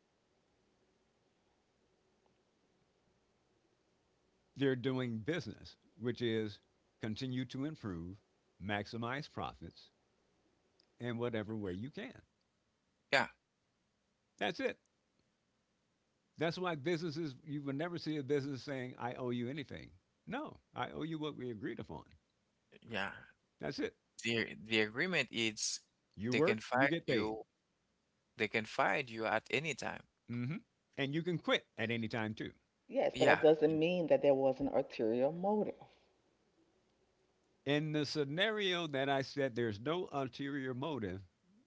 Speaker 3: They're doing business, which is continue to improve, maximize profits in whatever way you can.
Speaker 1: Yeah,
Speaker 3: That's it. That's why businesses, you will never see a business saying, I owe you anything. No, I owe you what we agreed upon.
Speaker 1: yeah.
Speaker 3: That's it.
Speaker 1: The agreement is
Speaker 3: You
Speaker 1: they can
Speaker 3: work, you
Speaker 1: find
Speaker 3: get paid.
Speaker 1: you. They can find you at any time.
Speaker 3: Hmm. And you can quit at any time, too.
Speaker 2: Yes, but
Speaker 1: Yeah.
Speaker 2: that doesn't mean that there was an ulterior motive.
Speaker 3: In the scenario that I said there's no ulterior motive,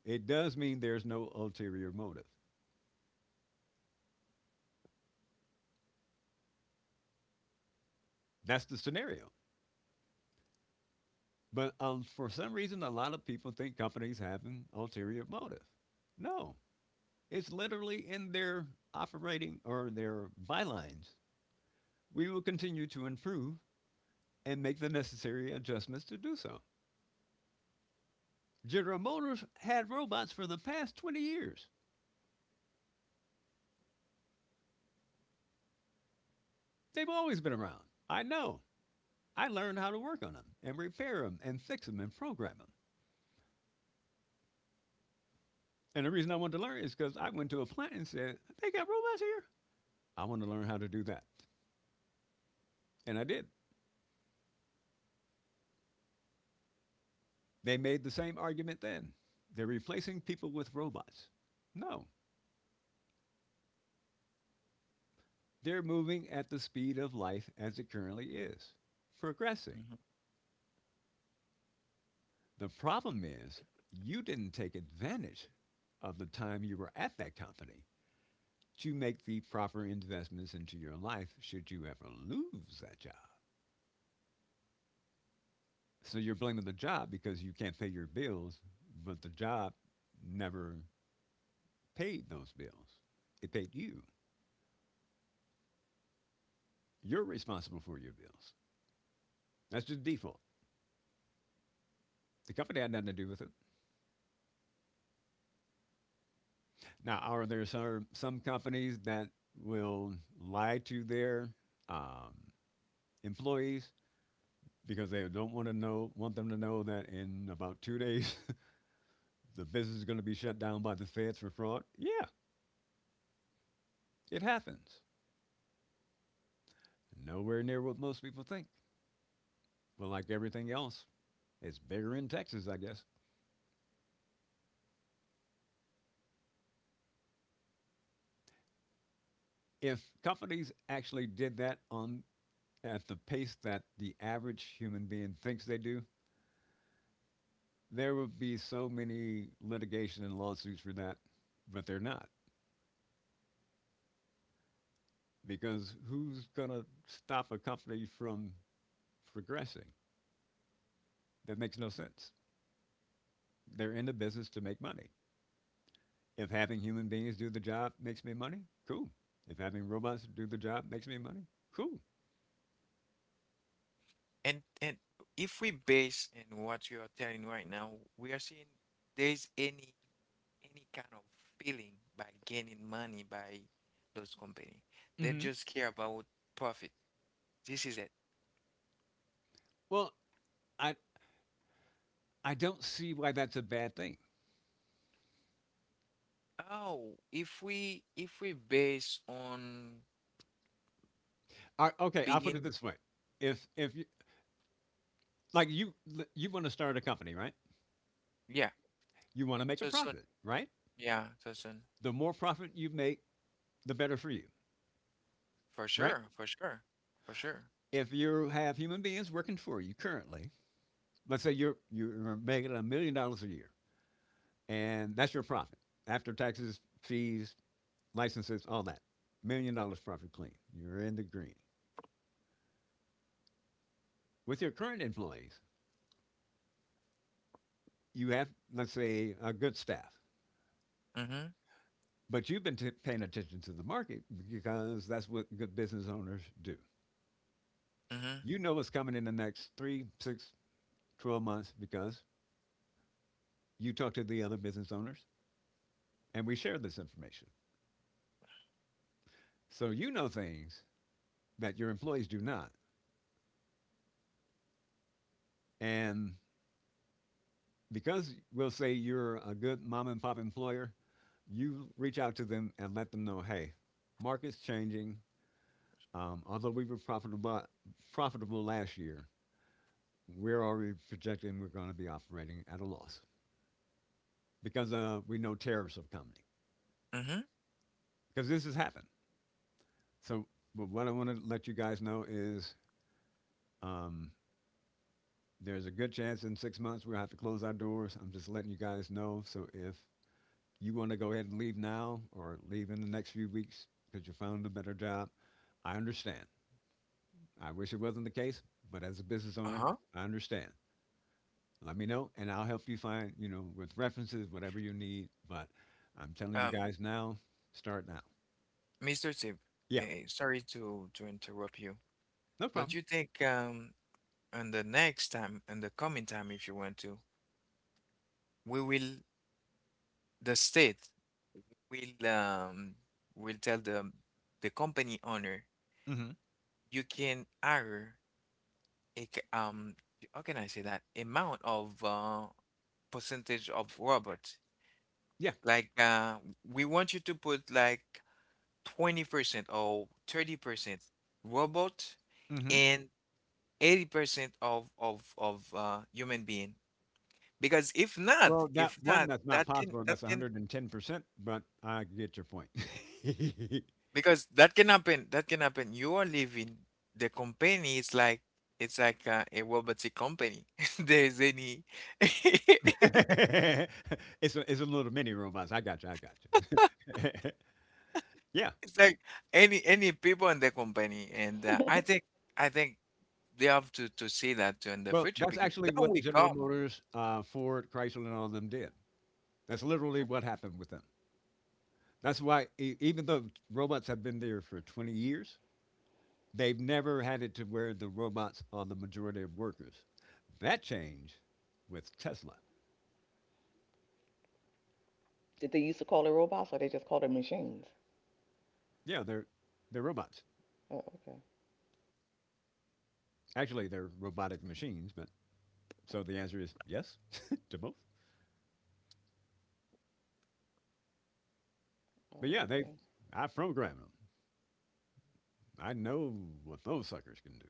Speaker 3: it does mean there's no ulterior motive. That's the scenario. But for some reason, a lot of people think companies have an ulterior motive. No, it's literally in their operating or their bylines. We will continue to improve and make the necessary adjustments to do so. General Motors had robots for the past 20 years. They've always been around. I know. I learned how to work on them and repair them and fix them and program them. And the reason I wanted to learn is because I went to a plant and said, they got robots here. I want to learn how to do that. And I did. They made the same argument then. They're replacing people with robots. No, they're moving at the speed of life as it currently is, progressing.
Speaker 1: Mhm.
Speaker 3: The problem is you didn't take advantage of the time you were at that company to make the proper investments into your life should you ever lose that job. So you're blaming the job because you can't pay your bills, but the job never paid those bills. It paid you. You're responsible for your bills. That's just default. The company had nothing to do with it. Now, are there some companies that will lie to their um, employees because they don't want to know, want them to know that in about 2 days the business is going to be shut down by the feds for fraud? Yeah, it happens. Nowhere near what most people think. Well, like everything else, it's bigger in Texas, I guess. If companies actually did that on at the pace that the average human being thinks they do, there would be so many litigation and lawsuits for that, but they're not because who's going to stop a company from progressing? That makes no sense. They're in the business to make money. If having human beings do the job makes me money, cool. If having robots do the job makes me money, cool.
Speaker 1: And if we base in what you are telling right now, we are seeing there's any kind of feeling by gaining money by those company. They
Speaker 3: Hmm.
Speaker 1: just care about profit. This is it.
Speaker 3: Well, I I don't see why that's a bad thing.
Speaker 1: Oh, if we base on
Speaker 3: I, okay, I'll put it
Speaker 1: being,
Speaker 3: this way: if you, like you want to start a company, right?
Speaker 1: yeah,
Speaker 3: You want to make a
Speaker 1: so soon.
Speaker 3: profit, right?
Speaker 1: Yeah, so soon.
Speaker 3: The more profit you make, the better for you,
Speaker 1: For
Speaker 3: right?
Speaker 1: sure, for sure, for sure.
Speaker 3: If you have human beings working for you currently, let's say you're making $1 million a year, and that's your profit after taxes, fees, licenses, all that. $1 million profit clean. You're in the green. With your current employees, you have, let's say, a good staff,
Speaker 1: Mm-hmm.
Speaker 3: but you've been paying attention to the market because that's what good business owners do.
Speaker 1: Mm-hmm.
Speaker 3: You know what's coming in the next three, six, 12 months because you talk to the other business owners and we share this information. So you know things that your employees do not. And because we'll say you're a good mom and pop employer, you reach out to them and let them know, hey, market's changing. Although we were profitable last year, we're already projecting we're going to be operating at a loss because we know tariffs are coming.
Speaker 1: Mm-hmm.
Speaker 3: Because this has happened. So but what I want to let you guys know is um, there's a good chance in 6 months we'll have to close our doors. I'm just letting you guys know. So if you want to go ahead and leave now or leave in the next few weeks because you found a better job, I understand. I wish it wasn't the case, but as a business owner,
Speaker 1: Uh-huh.
Speaker 3: I understand. Let me know, and I'll help you find, you know, with references, whatever you need. But I'm telling you
Speaker 1: Um,
Speaker 3: guys now, start now.
Speaker 1: Mr. Tip,
Speaker 3: Yeah,
Speaker 1: eh, sorry to interrupt you.
Speaker 3: no
Speaker 1: Don't
Speaker 3: problem.
Speaker 1: you think and the next time and the coming time if you want to, we will the state will um will tell the company owner
Speaker 3: Hmm.
Speaker 1: you can hire a c- how can I say that amount of percentage of robots
Speaker 3: Yeah.
Speaker 1: like we want you to put like 20% or 30% robot
Speaker 3: Mm-hmm.
Speaker 1: and 80% of human being because
Speaker 3: Well, that
Speaker 1: if
Speaker 3: one
Speaker 1: not
Speaker 3: that's not possible.
Speaker 1: that
Speaker 3: That's
Speaker 1: can
Speaker 3: 110%, but I get your point. it's
Speaker 1: because that can happen you are leaving the company it's like a robotic company there's any it's
Speaker 3: a, it's a little mini robots. I got you. I got you. yeah.
Speaker 1: like any people in the company and I think they have to see that too in the
Speaker 3: Well,
Speaker 1: future
Speaker 3: that's
Speaker 1: because
Speaker 3: actually
Speaker 1: that
Speaker 3: what
Speaker 1: will
Speaker 3: General
Speaker 1: come.
Speaker 3: Motors, Ford, Chrysler, and all of them did. That's literally what happened with them. That's why, even though robots have been there for 20 years, they've never had it to where the robots are the majority of workers. That changed with Tesla.
Speaker 2: Did they used to call it robots or they just called it machines?
Speaker 3: Yeah, they're robots.
Speaker 2: Oh, okay.
Speaker 3: Actually, they're robotic machines. But so the answer is yes to both. But
Speaker 2: Oh,
Speaker 3: yeah, they
Speaker 2: okay.
Speaker 3: I programmed them. I know what those suckers can do.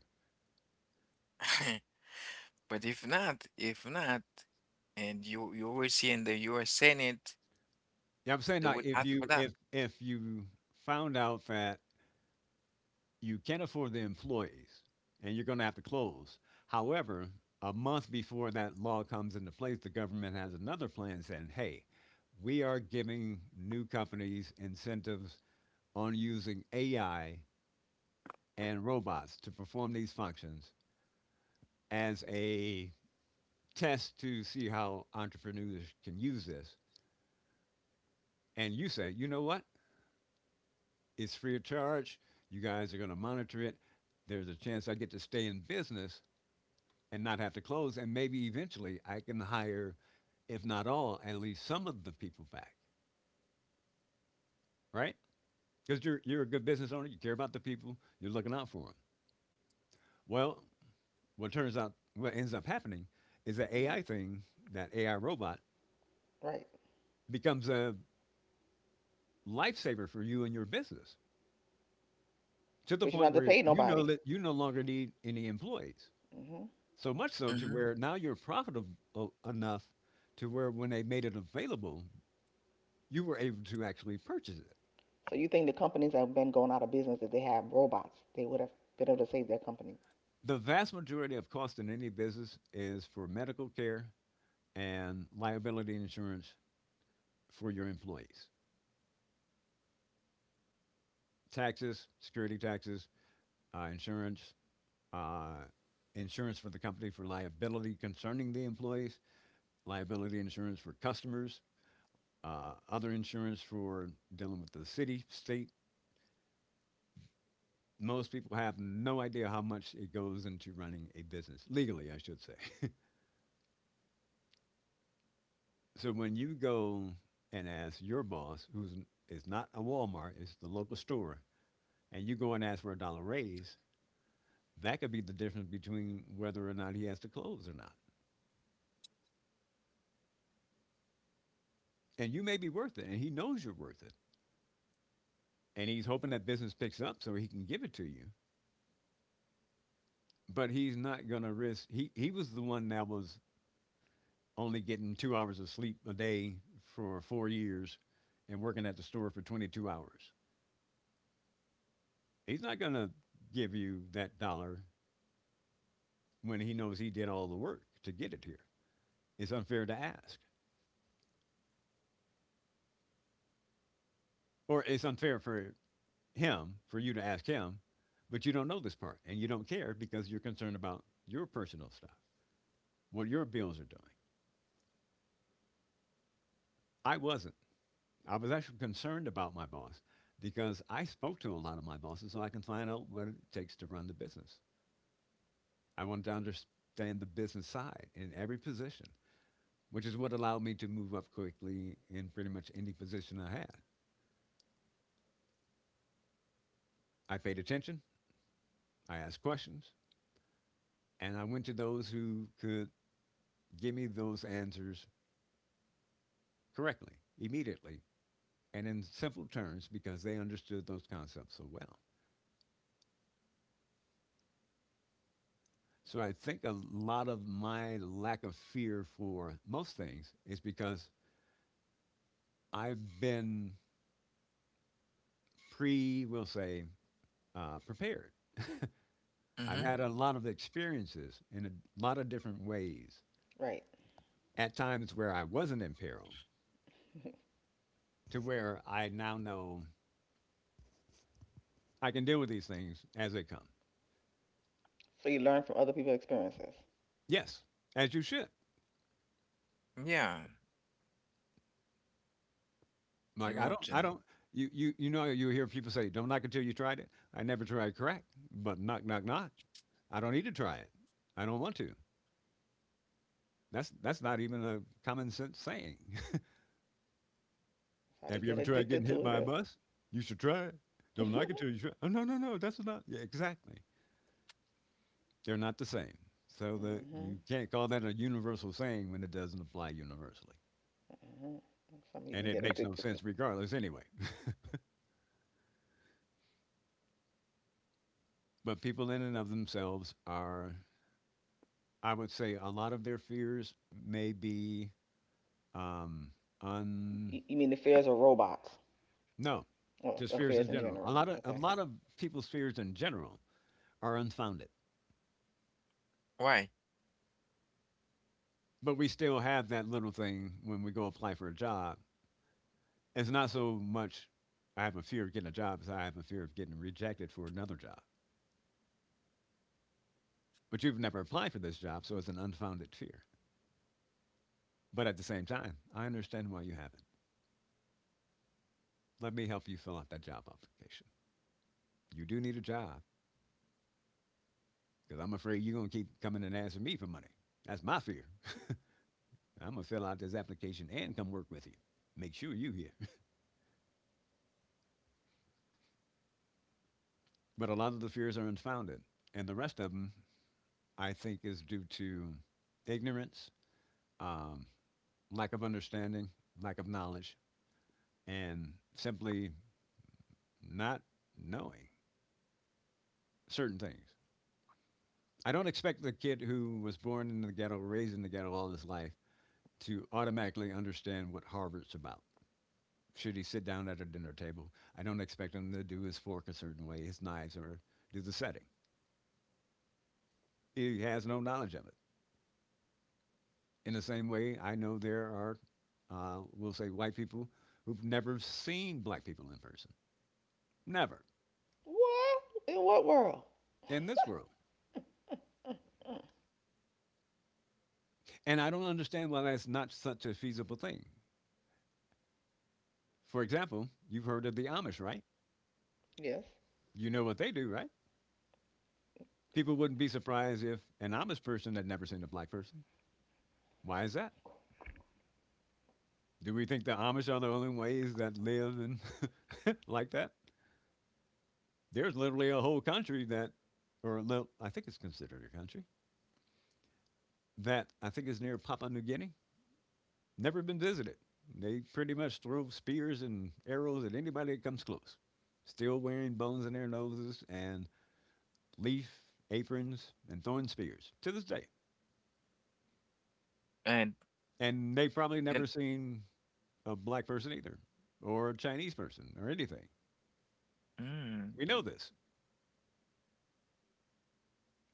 Speaker 1: But if not and you will see in the US Senate
Speaker 3: Yeah, I'm saying,
Speaker 1: they
Speaker 3: like,
Speaker 1: will
Speaker 3: if
Speaker 1: ask for
Speaker 3: you
Speaker 1: that.
Speaker 3: if if you found out that you can't afford the employees and you're going to have to close. However, a month before that law comes into place, the government has another plan saying, hey, we are giving new companies incentives on using AI and robots to perform these functions as a test to see how entrepreneurs can use this. And you say, you know what? It's free of charge. You guys are going to monitor it. There's a chance I get to stay in business and not have to close. And maybe eventually I can hire, if not all, at least some of the people back, right? Because you're a good business owner, you care about the people, you're looking out for them. Well, what turns out, what ends up happening is that
Speaker 2: Hmm.
Speaker 3: AI thing, that AI robot,
Speaker 2: Right.
Speaker 3: becomes a lifesaver for you and your business to the
Speaker 2: Because you don't
Speaker 3: point
Speaker 2: have to
Speaker 3: where
Speaker 2: pay
Speaker 3: you know
Speaker 2: nobody.
Speaker 3: that you no longer need any employees.
Speaker 2: Hmm.
Speaker 3: So much so to
Speaker 1: Hmm.
Speaker 3: where now you're profitable enough to where when they made it available, you were able to actually purchase it.
Speaker 2: So you think the companies that have been going out of business, if they had robots, they would have been able to save their company.
Speaker 3: The vast majority of cost in any business is for medical care and liability insurance for your employees. Taxes, security taxes, insurance, uh, insurance for the company for liability concerning the employees, liability insurance for customers, other insurance for dealing with the city, state. Most people have no idea how much it goes into running a business, legally, I should say. So when you go and ask your boss, who's is not a Walmart, it's the local store, and you go and ask for a dollar raise, that could be the difference between whether or not he has to close or not. And you may be worth it, and he knows you're worth it, and he's hoping that business picks up so he can give it to you. But he's not going to risk. He was the one that was only getting 2 hours of sleep a day for 4 years, and working at the store for 22 hours. He's not going to give you that dollar when he knows he did all the work to get it here? It's unfair to ask, or it's unfair for him for you to ask him, but you don't know this part and you don't care because you're concerned about your personal stuff, what your bills are doing. I wasn't. I was actually concerned about my boss because I spoke to a lot of my bosses so I can find out what it takes to run the business. I wanted to understand the business side in every position, which is what allowed me to move up quickly in pretty much any position I had. I paid attention, I asked questions, and I went to those who could give me those answers correctly, immediately, and in simple terms because they understood those concepts so well. So I think a lot of my lack of fear for most things is because I've been we'll say, prepared. I've
Speaker 1: Hmm.
Speaker 3: had a lot of experiences in a lot of different ways,
Speaker 2: Right.
Speaker 3: at times where I wasn't in peril, to where I now know I can deal with these things as they come.
Speaker 2: So you learn from other people's experiences. That's
Speaker 3: Yes, as you should.
Speaker 1: Yeah,
Speaker 3: Like
Speaker 1: you have to.
Speaker 3: I don't. You you hear people say, "Don't knock until you tried it." I never tried crack, but knock, knock, knock. I don't need to try it. I don't want to. That's not even a common sense saying.
Speaker 2: how they
Speaker 3: Have you
Speaker 2: get
Speaker 3: ever tried
Speaker 2: addicted
Speaker 3: getting
Speaker 2: to
Speaker 3: hit by a
Speaker 2: it.
Speaker 3: bus? You should try it. Don't knock
Speaker 2: Hmm.
Speaker 3: until you try. Oh no, no, no. That's not, yeah, exactly. They're not the same. So that you can't call that a universal saying when it doesn't apply universally,
Speaker 2: Hmm. Something you can
Speaker 3: and it
Speaker 2: get
Speaker 3: makes no
Speaker 2: addicted to.
Speaker 3: sense regardless anyway. But people in and of themselves are, I would say, a lot of their fears may be, um, un
Speaker 2: You mean the fears of robots?
Speaker 3: no, just
Speaker 2: Or
Speaker 3: fears
Speaker 2: fears
Speaker 3: in
Speaker 2: in
Speaker 3: general. A
Speaker 2: general.
Speaker 3: lot of a
Speaker 2: Okay.
Speaker 3: lot of people's fears in general are unfounded.
Speaker 1: Why?
Speaker 3: But we still have that little thing when we go apply for a job. It's not so much I have a fear of getting a job as I have a fear of getting rejected for another job. But you've never applied for this job, so it's an unfounded fear. But at the same time, I understand why you haven't. Let me help you fill out that job application. You do need a job. Because I'm afraid you're going to keep coming and asking me for money. That's my fear. I'm going to fill out this application and come work with you. Make sure you are here. But a lot of the fears are unfounded. And the rest of them, I think, is due to ignorance, um, lack of understanding, lack of knowledge, and simply not knowing certain things. I don't expect the kid who was born in the ghetto, raised in the ghetto all his life, to automatically understand what Harvard's about. Should he sit down at a dinner table, I don't expect him to do his fork a certain way, his knives, or do the setting. He has no knowledge of it. In the same way, I know there are, we'll say, white people who've never seen black people in person. Never.
Speaker 2: What? In what world?
Speaker 3: In this world. And I don't understand why that's not such a feasible thing. For example, you've heard of the Amish, right?
Speaker 2: Yes.
Speaker 3: You know what they do, right? People wouldn't be surprised if an Amish person had never seen a black person. Why is that? Do we think the Amish are the only ways that live and like that? There's literally a whole country that, or no, I think it's considered a country that I think is near Papua New Guinea. Never been visited. They pretty much throw spears and arrows at anybody that comes close. Still wearing bones in their noses and leaf aprons and throwing spears to this day.
Speaker 1: And
Speaker 3: And they've probably never
Speaker 1: then
Speaker 3: seen a black person either, or a Chinese person, or anything.
Speaker 1: mm.
Speaker 3: We know this.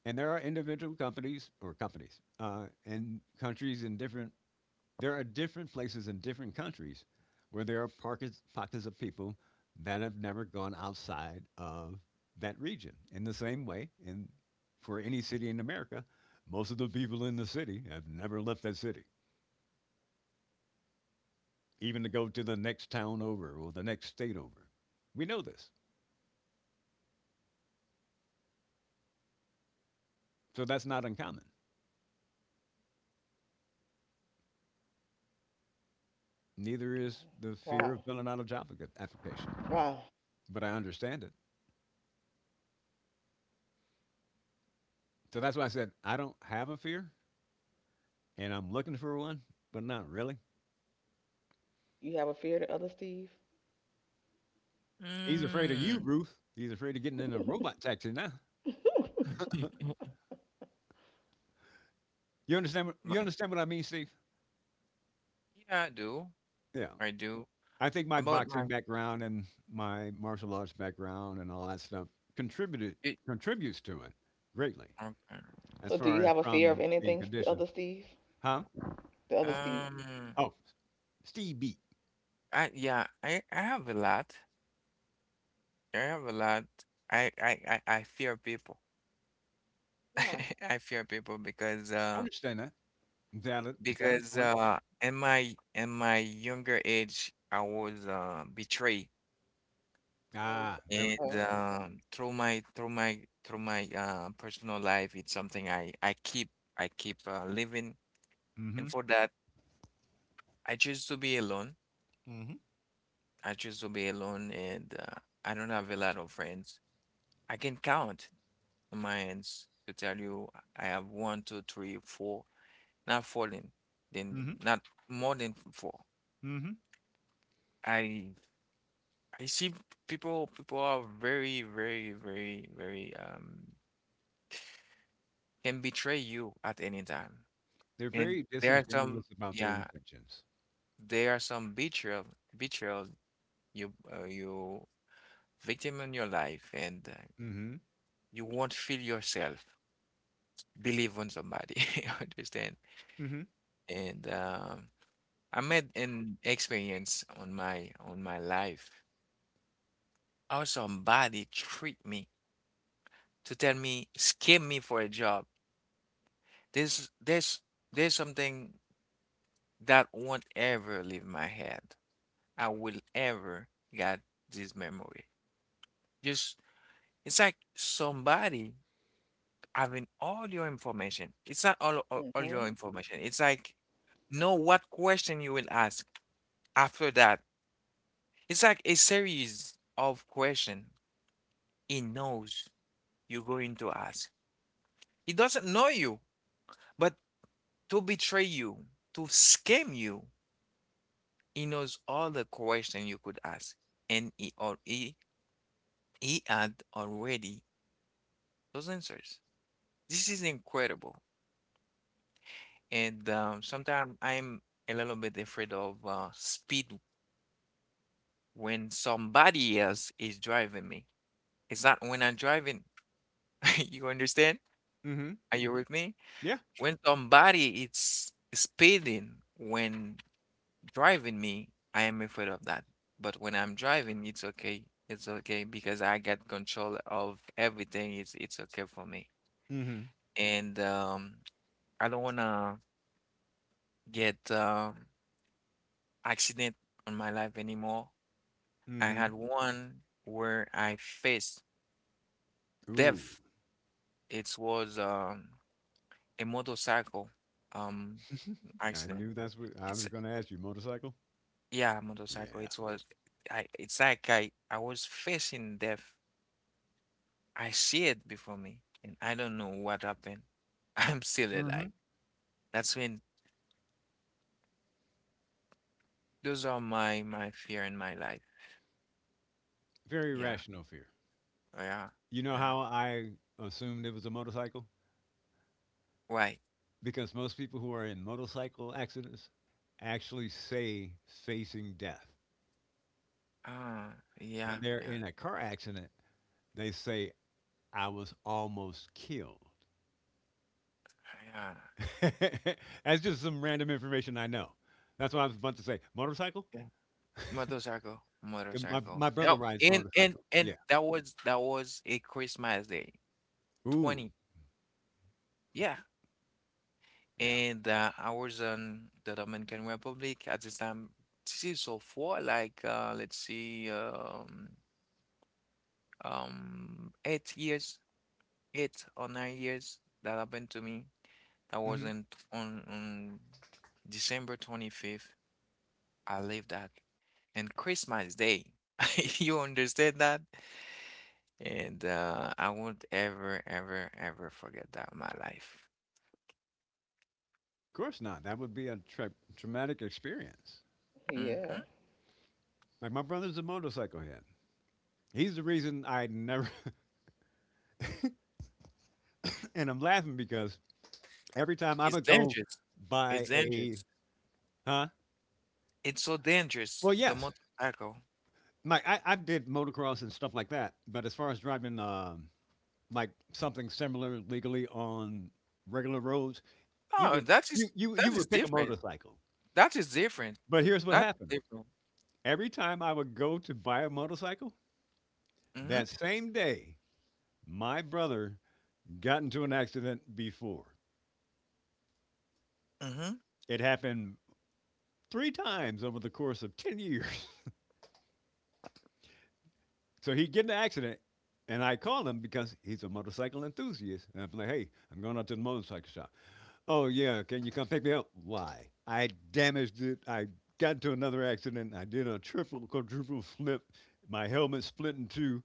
Speaker 3: And there are individual companies or companies, and countries in different. There are different places in different countries where there are pockets of people that have never gone outside of that region. In the same way, in for any city in America, most of the people in the city have never left that city, even to go to the next town over or the next state over. We know this, so that's not uncommon. Neither is the fear of
Speaker 2: Wow.
Speaker 3: filling out a job application,
Speaker 2: Wow.
Speaker 3: but I understand it. So that's why I said I don't have a fear, and I'm looking for one, but not really.
Speaker 2: You have a fear of the other Steve?
Speaker 3: He's afraid of you,
Speaker 1: Mm.
Speaker 3: Ruth. He's afraid of getting in a robot taxi now. You understand what you
Speaker 1: My,
Speaker 3: understand what I mean, Steve?
Speaker 1: yeah, I do.
Speaker 3: Yeah.
Speaker 1: I do.
Speaker 3: I think my
Speaker 1: About my,
Speaker 3: boxing background and my martial arts background and all that stuff contributed
Speaker 1: it,
Speaker 3: contributes to it greatly
Speaker 1: okay.
Speaker 3: as
Speaker 2: So do
Speaker 3: far
Speaker 2: you
Speaker 3: as
Speaker 2: have a fear of
Speaker 3: from being
Speaker 2: anything,
Speaker 3: conditioned.
Speaker 2: other Steve?
Speaker 3: Huh?
Speaker 2: The other Steve.
Speaker 1: Um,
Speaker 3: Oh, Steve beat.
Speaker 1: I yeah, I have a lot. I have a lot. I I I fear people.
Speaker 2: Why?
Speaker 1: I fear people because
Speaker 3: I
Speaker 1: uh
Speaker 3: understand that. Valid Valid
Speaker 1: because
Speaker 3: point.
Speaker 1: uh in my younger age I was betrayed
Speaker 2: Always.
Speaker 3: Ah, there we
Speaker 1: and
Speaker 2: Oh.
Speaker 1: through my personal life it's something I keep living
Speaker 3: go. Mm-hmm.
Speaker 1: and for that I choose to be alone.
Speaker 3: Mm-hmm.
Speaker 1: I choose to be alone, and I don't have a lot of friends. I can count on my hands to tell you I have one, two, three, four, not falling, then
Speaker 3: Mm-hmm.
Speaker 1: not more than four.
Speaker 3: Mm-hmm.
Speaker 1: I I see people are very can betray you at any time.
Speaker 3: They're
Speaker 1: And
Speaker 3: very
Speaker 1: there are some,
Speaker 3: disingenuous about their
Speaker 1: yeah,
Speaker 3: intentions.
Speaker 1: there are some betrayal you you victim in your life and
Speaker 3: Mm-hmm.
Speaker 1: you won't feel yourself. Believe on somebody. You understand?
Speaker 3: Mm-hmm.
Speaker 1: And I made an experience on my life. How somebody treat me to tell me, scam me for a job. This there's something that won't ever leave my head. I will ever get this memory. Just it's like somebody having all your information. It's not all your
Speaker 2: Mhm.
Speaker 1: information. It's like know what question you will ask. After that, it's like a series of questions he knows you're going to ask. He doesn't know you, but to betray you, to scam you, he knows all the questions you could ask. And he had already those answers. This is incredible. And sometimes I'm a little bit afraid of speed when somebody else is driving me. It's not when I'm driving. You understand?
Speaker 3: Mm-hmm.
Speaker 1: Are you with me?
Speaker 3: Yeah.
Speaker 1: When somebody is speeding when driving me, I am afraid of that. But when I'm driving, it's okay. It's okay because I get control of everything. It's okay for me.
Speaker 3: Mm-hmm.
Speaker 1: And I don't wanna get accident on my life anymore. I
Speaker 3: Mm-hmm.
Speaker 1: had one where I faced
Speaker 3: Ooh.
Speaker 1: death. It was a motorcycle um
Speaker 3: I
Speaker 1: accident.
Speaker 3: knew that's what I
Speaker 1: It's,
Speaker 3: was going to ask you. Motorcycle?
Speaker 1: yeah, motorcycle.
Speaker 3: Yeah.
Speaker 1: It was I it's like I was facing death. I see it before me and I don't know what happened. I'm still alive.
Speaker 3: Hmm.
Speaker 1: That's when those are my my fear in my life.
Speaker 3: Very
Speaker 1: Yeah.
Speaker 3: rational fear.
Speaker 1: Yeah.
Speaker 3: You know
Speaker 1: Yeah.
Speaker 3: how I assumed it was a motorcycle?
Speaker 1: Right.
Speaker 3: Because most people who are in motorcycle accidents actually say facing death.
Speaker 1: Ah, yeah,
Speaker 3: When they're
Speaker 1: yeah.
Speaker 3: in a car accident, they say, I was almost killed.
Speaker 1: Yeah.
Speaker 3: That's just some random information I know. That's what I was about to say. Motorcycle?
Speaker 1: Yeah. Motorcycle.
Speaker 3: 'Cause My,
Speaker 1: Motorcycle.
Speaker 3: my brother
Speaker 1: No,
Speaker 3: rides
Speaker 1: and and
Speaker 3: motorcycle.
Speaker 1: and
Speaker 3: Yeah.
Speaker 1: that was a Christmas day.
Speaker 3: Ooh.
Speaker 1: 20. Yeah.
Speaker 3: Yeah.
Speaker 1: And I was in the Dominican Republic at this time. This is so far, like let's see, 8 years, 8 or 9 years that happened to me. That was in on December 25th. I lived that, and Christmas Day. You understand that? And I won't ever, ever, ever forget that in my life.
Speaker 3: Of course not. That would be a traumatic experience.
Speaker 2: Yeah.
Speaker 1: Hmm.
Speaker 3: Like my brother's a motorcycle head. He's the reason I never. And I'm laughing because every time I
Speaker 1: It's
Speaker 3: would go
Speaker 1: dangerous.
Speaker 3: by
Speaker 1: It's
Speaker 3: a,
Speaker 1: dangerous.
Speaker 3: huh.
Speaker 1: It's so dangerous,
Speaker 3: Well,
Speaker 1: the
Speaker 3: yes.
Speaker 1: motorcycle.
Speaker 3: Like I did motocross and stuff like that. But as far as driving, like something similar legally on regular roads, you
Speaker 1: Oh,
Speaker 3: would you, you you
Speaker 1: that is
Speaker 3: would pick a
Speaker 1: different.
Speaker 3: motorcycle.
Speaker 1: That is different.
Speaker 3: But here's what
Speaker 1: That's
Speaker 3: happened.
Speaker 1: different.
Speaker 3: Every time I would go to buy a motorcycle,
Speaker 1: Mm-hmm.
Speaker 3: that same day, my brother got into an accident before.
Speaker 1: Mm-hmm.
Speaker 3: It happened three times over the course of 10 years. So he'd get in an accident, and I called him because he's a motorcycle enthusiast. And I'm like, hey, I'm going out to the motorcycle shop. Oh, yeah, can you come pick me up? Why? I damaged it. I got into another accident. I did a triple, quadruple flip. My helmet split in two.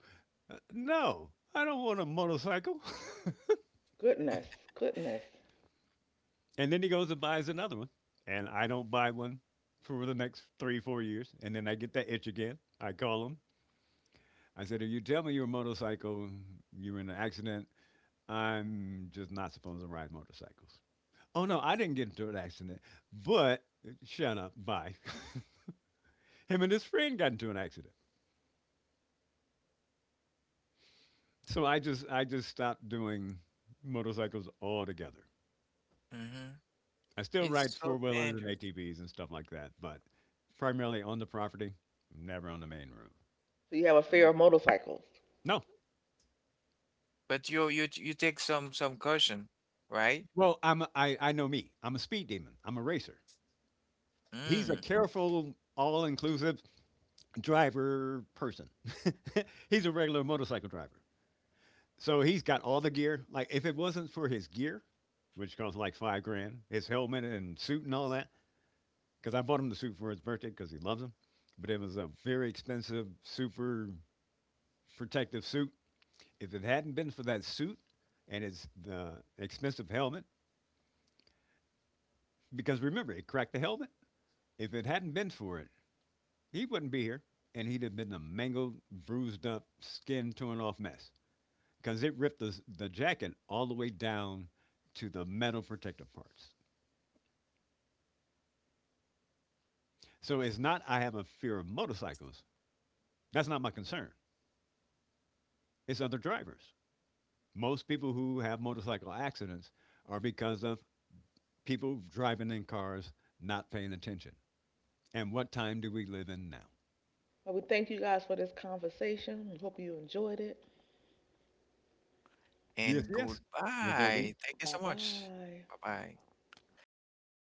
Speaker 3: No, I don't want a motorcycle.
Speaker 2: Goodness. Goodness.
Speaker 3: And then he goes and buys another one, and I don't buy one for the next 3, 4 years, and then I get that itch again. I call him. I said, "If you tell me you're a motorcycle, you were in an accident. I'm just not supposed to ride motorcycles." Oh no, I didn't get into an accident, but shut up, bye. Him and his friend got into an accident, so I just stopped doing motorcycles altogether.
Speaker 1: Mm-hmm.
Speaker 3: I still ride
Speaker 1: It's
Speaker 3: four
Speaker 1: so
Speaker 3: wheelers and
Speaker 1: dangerous.
Speaker 3: ATVs and stuff like that, but primarily on the property, never on the main road.
Speaker 2: So you have a fear
Speaker 1: Mm.
Speaker 2: of motorcycles.
Speaker 3: No.
Speaker 1: But you take some caution, right?
Speaker 3: Well, I know me. I'm a speed demon. I'm a racer. He's a
Speaker 1: Mm.
Speaker 3: careful, all-inclusive driver person. He's a regular motorcycle driver. So he's got all the gear. Like if it wasn't for his gear, which costs like 5 grand, his helmet and suit and all that, because I bought him the suit for his birthday because he loves him. But it was a very expensive, super protective suit. If it hadn't been for that suit and his the expensive helmet, because remember it cracked the helmet. If it hadn't been for it, he wouldn't be here, and he'd have been a mangled, bruised up, skin torn off mess because it ripped the jacket all the way down to the metal protective parts. So it's not I have a fear of motorcycles. That's not my concern. It's other drivers. Most people who have motorcycle accidents are because of people driving in cars not paying attention. And what time do we live in now?
Speaker 2: Well, we thank you guys for this conversation. We hope you enjoyed it.
Speaker 3: Yes,
Speaker 1: And
Speaker 3: yes. There's always.
Speaker 1: goodbye. Thank you so
Speaker 2: Bye
Speaker 1: much.
Speaker 2: bye.
Speaker 1: Bye bye.
Speaker 3: Goodbye.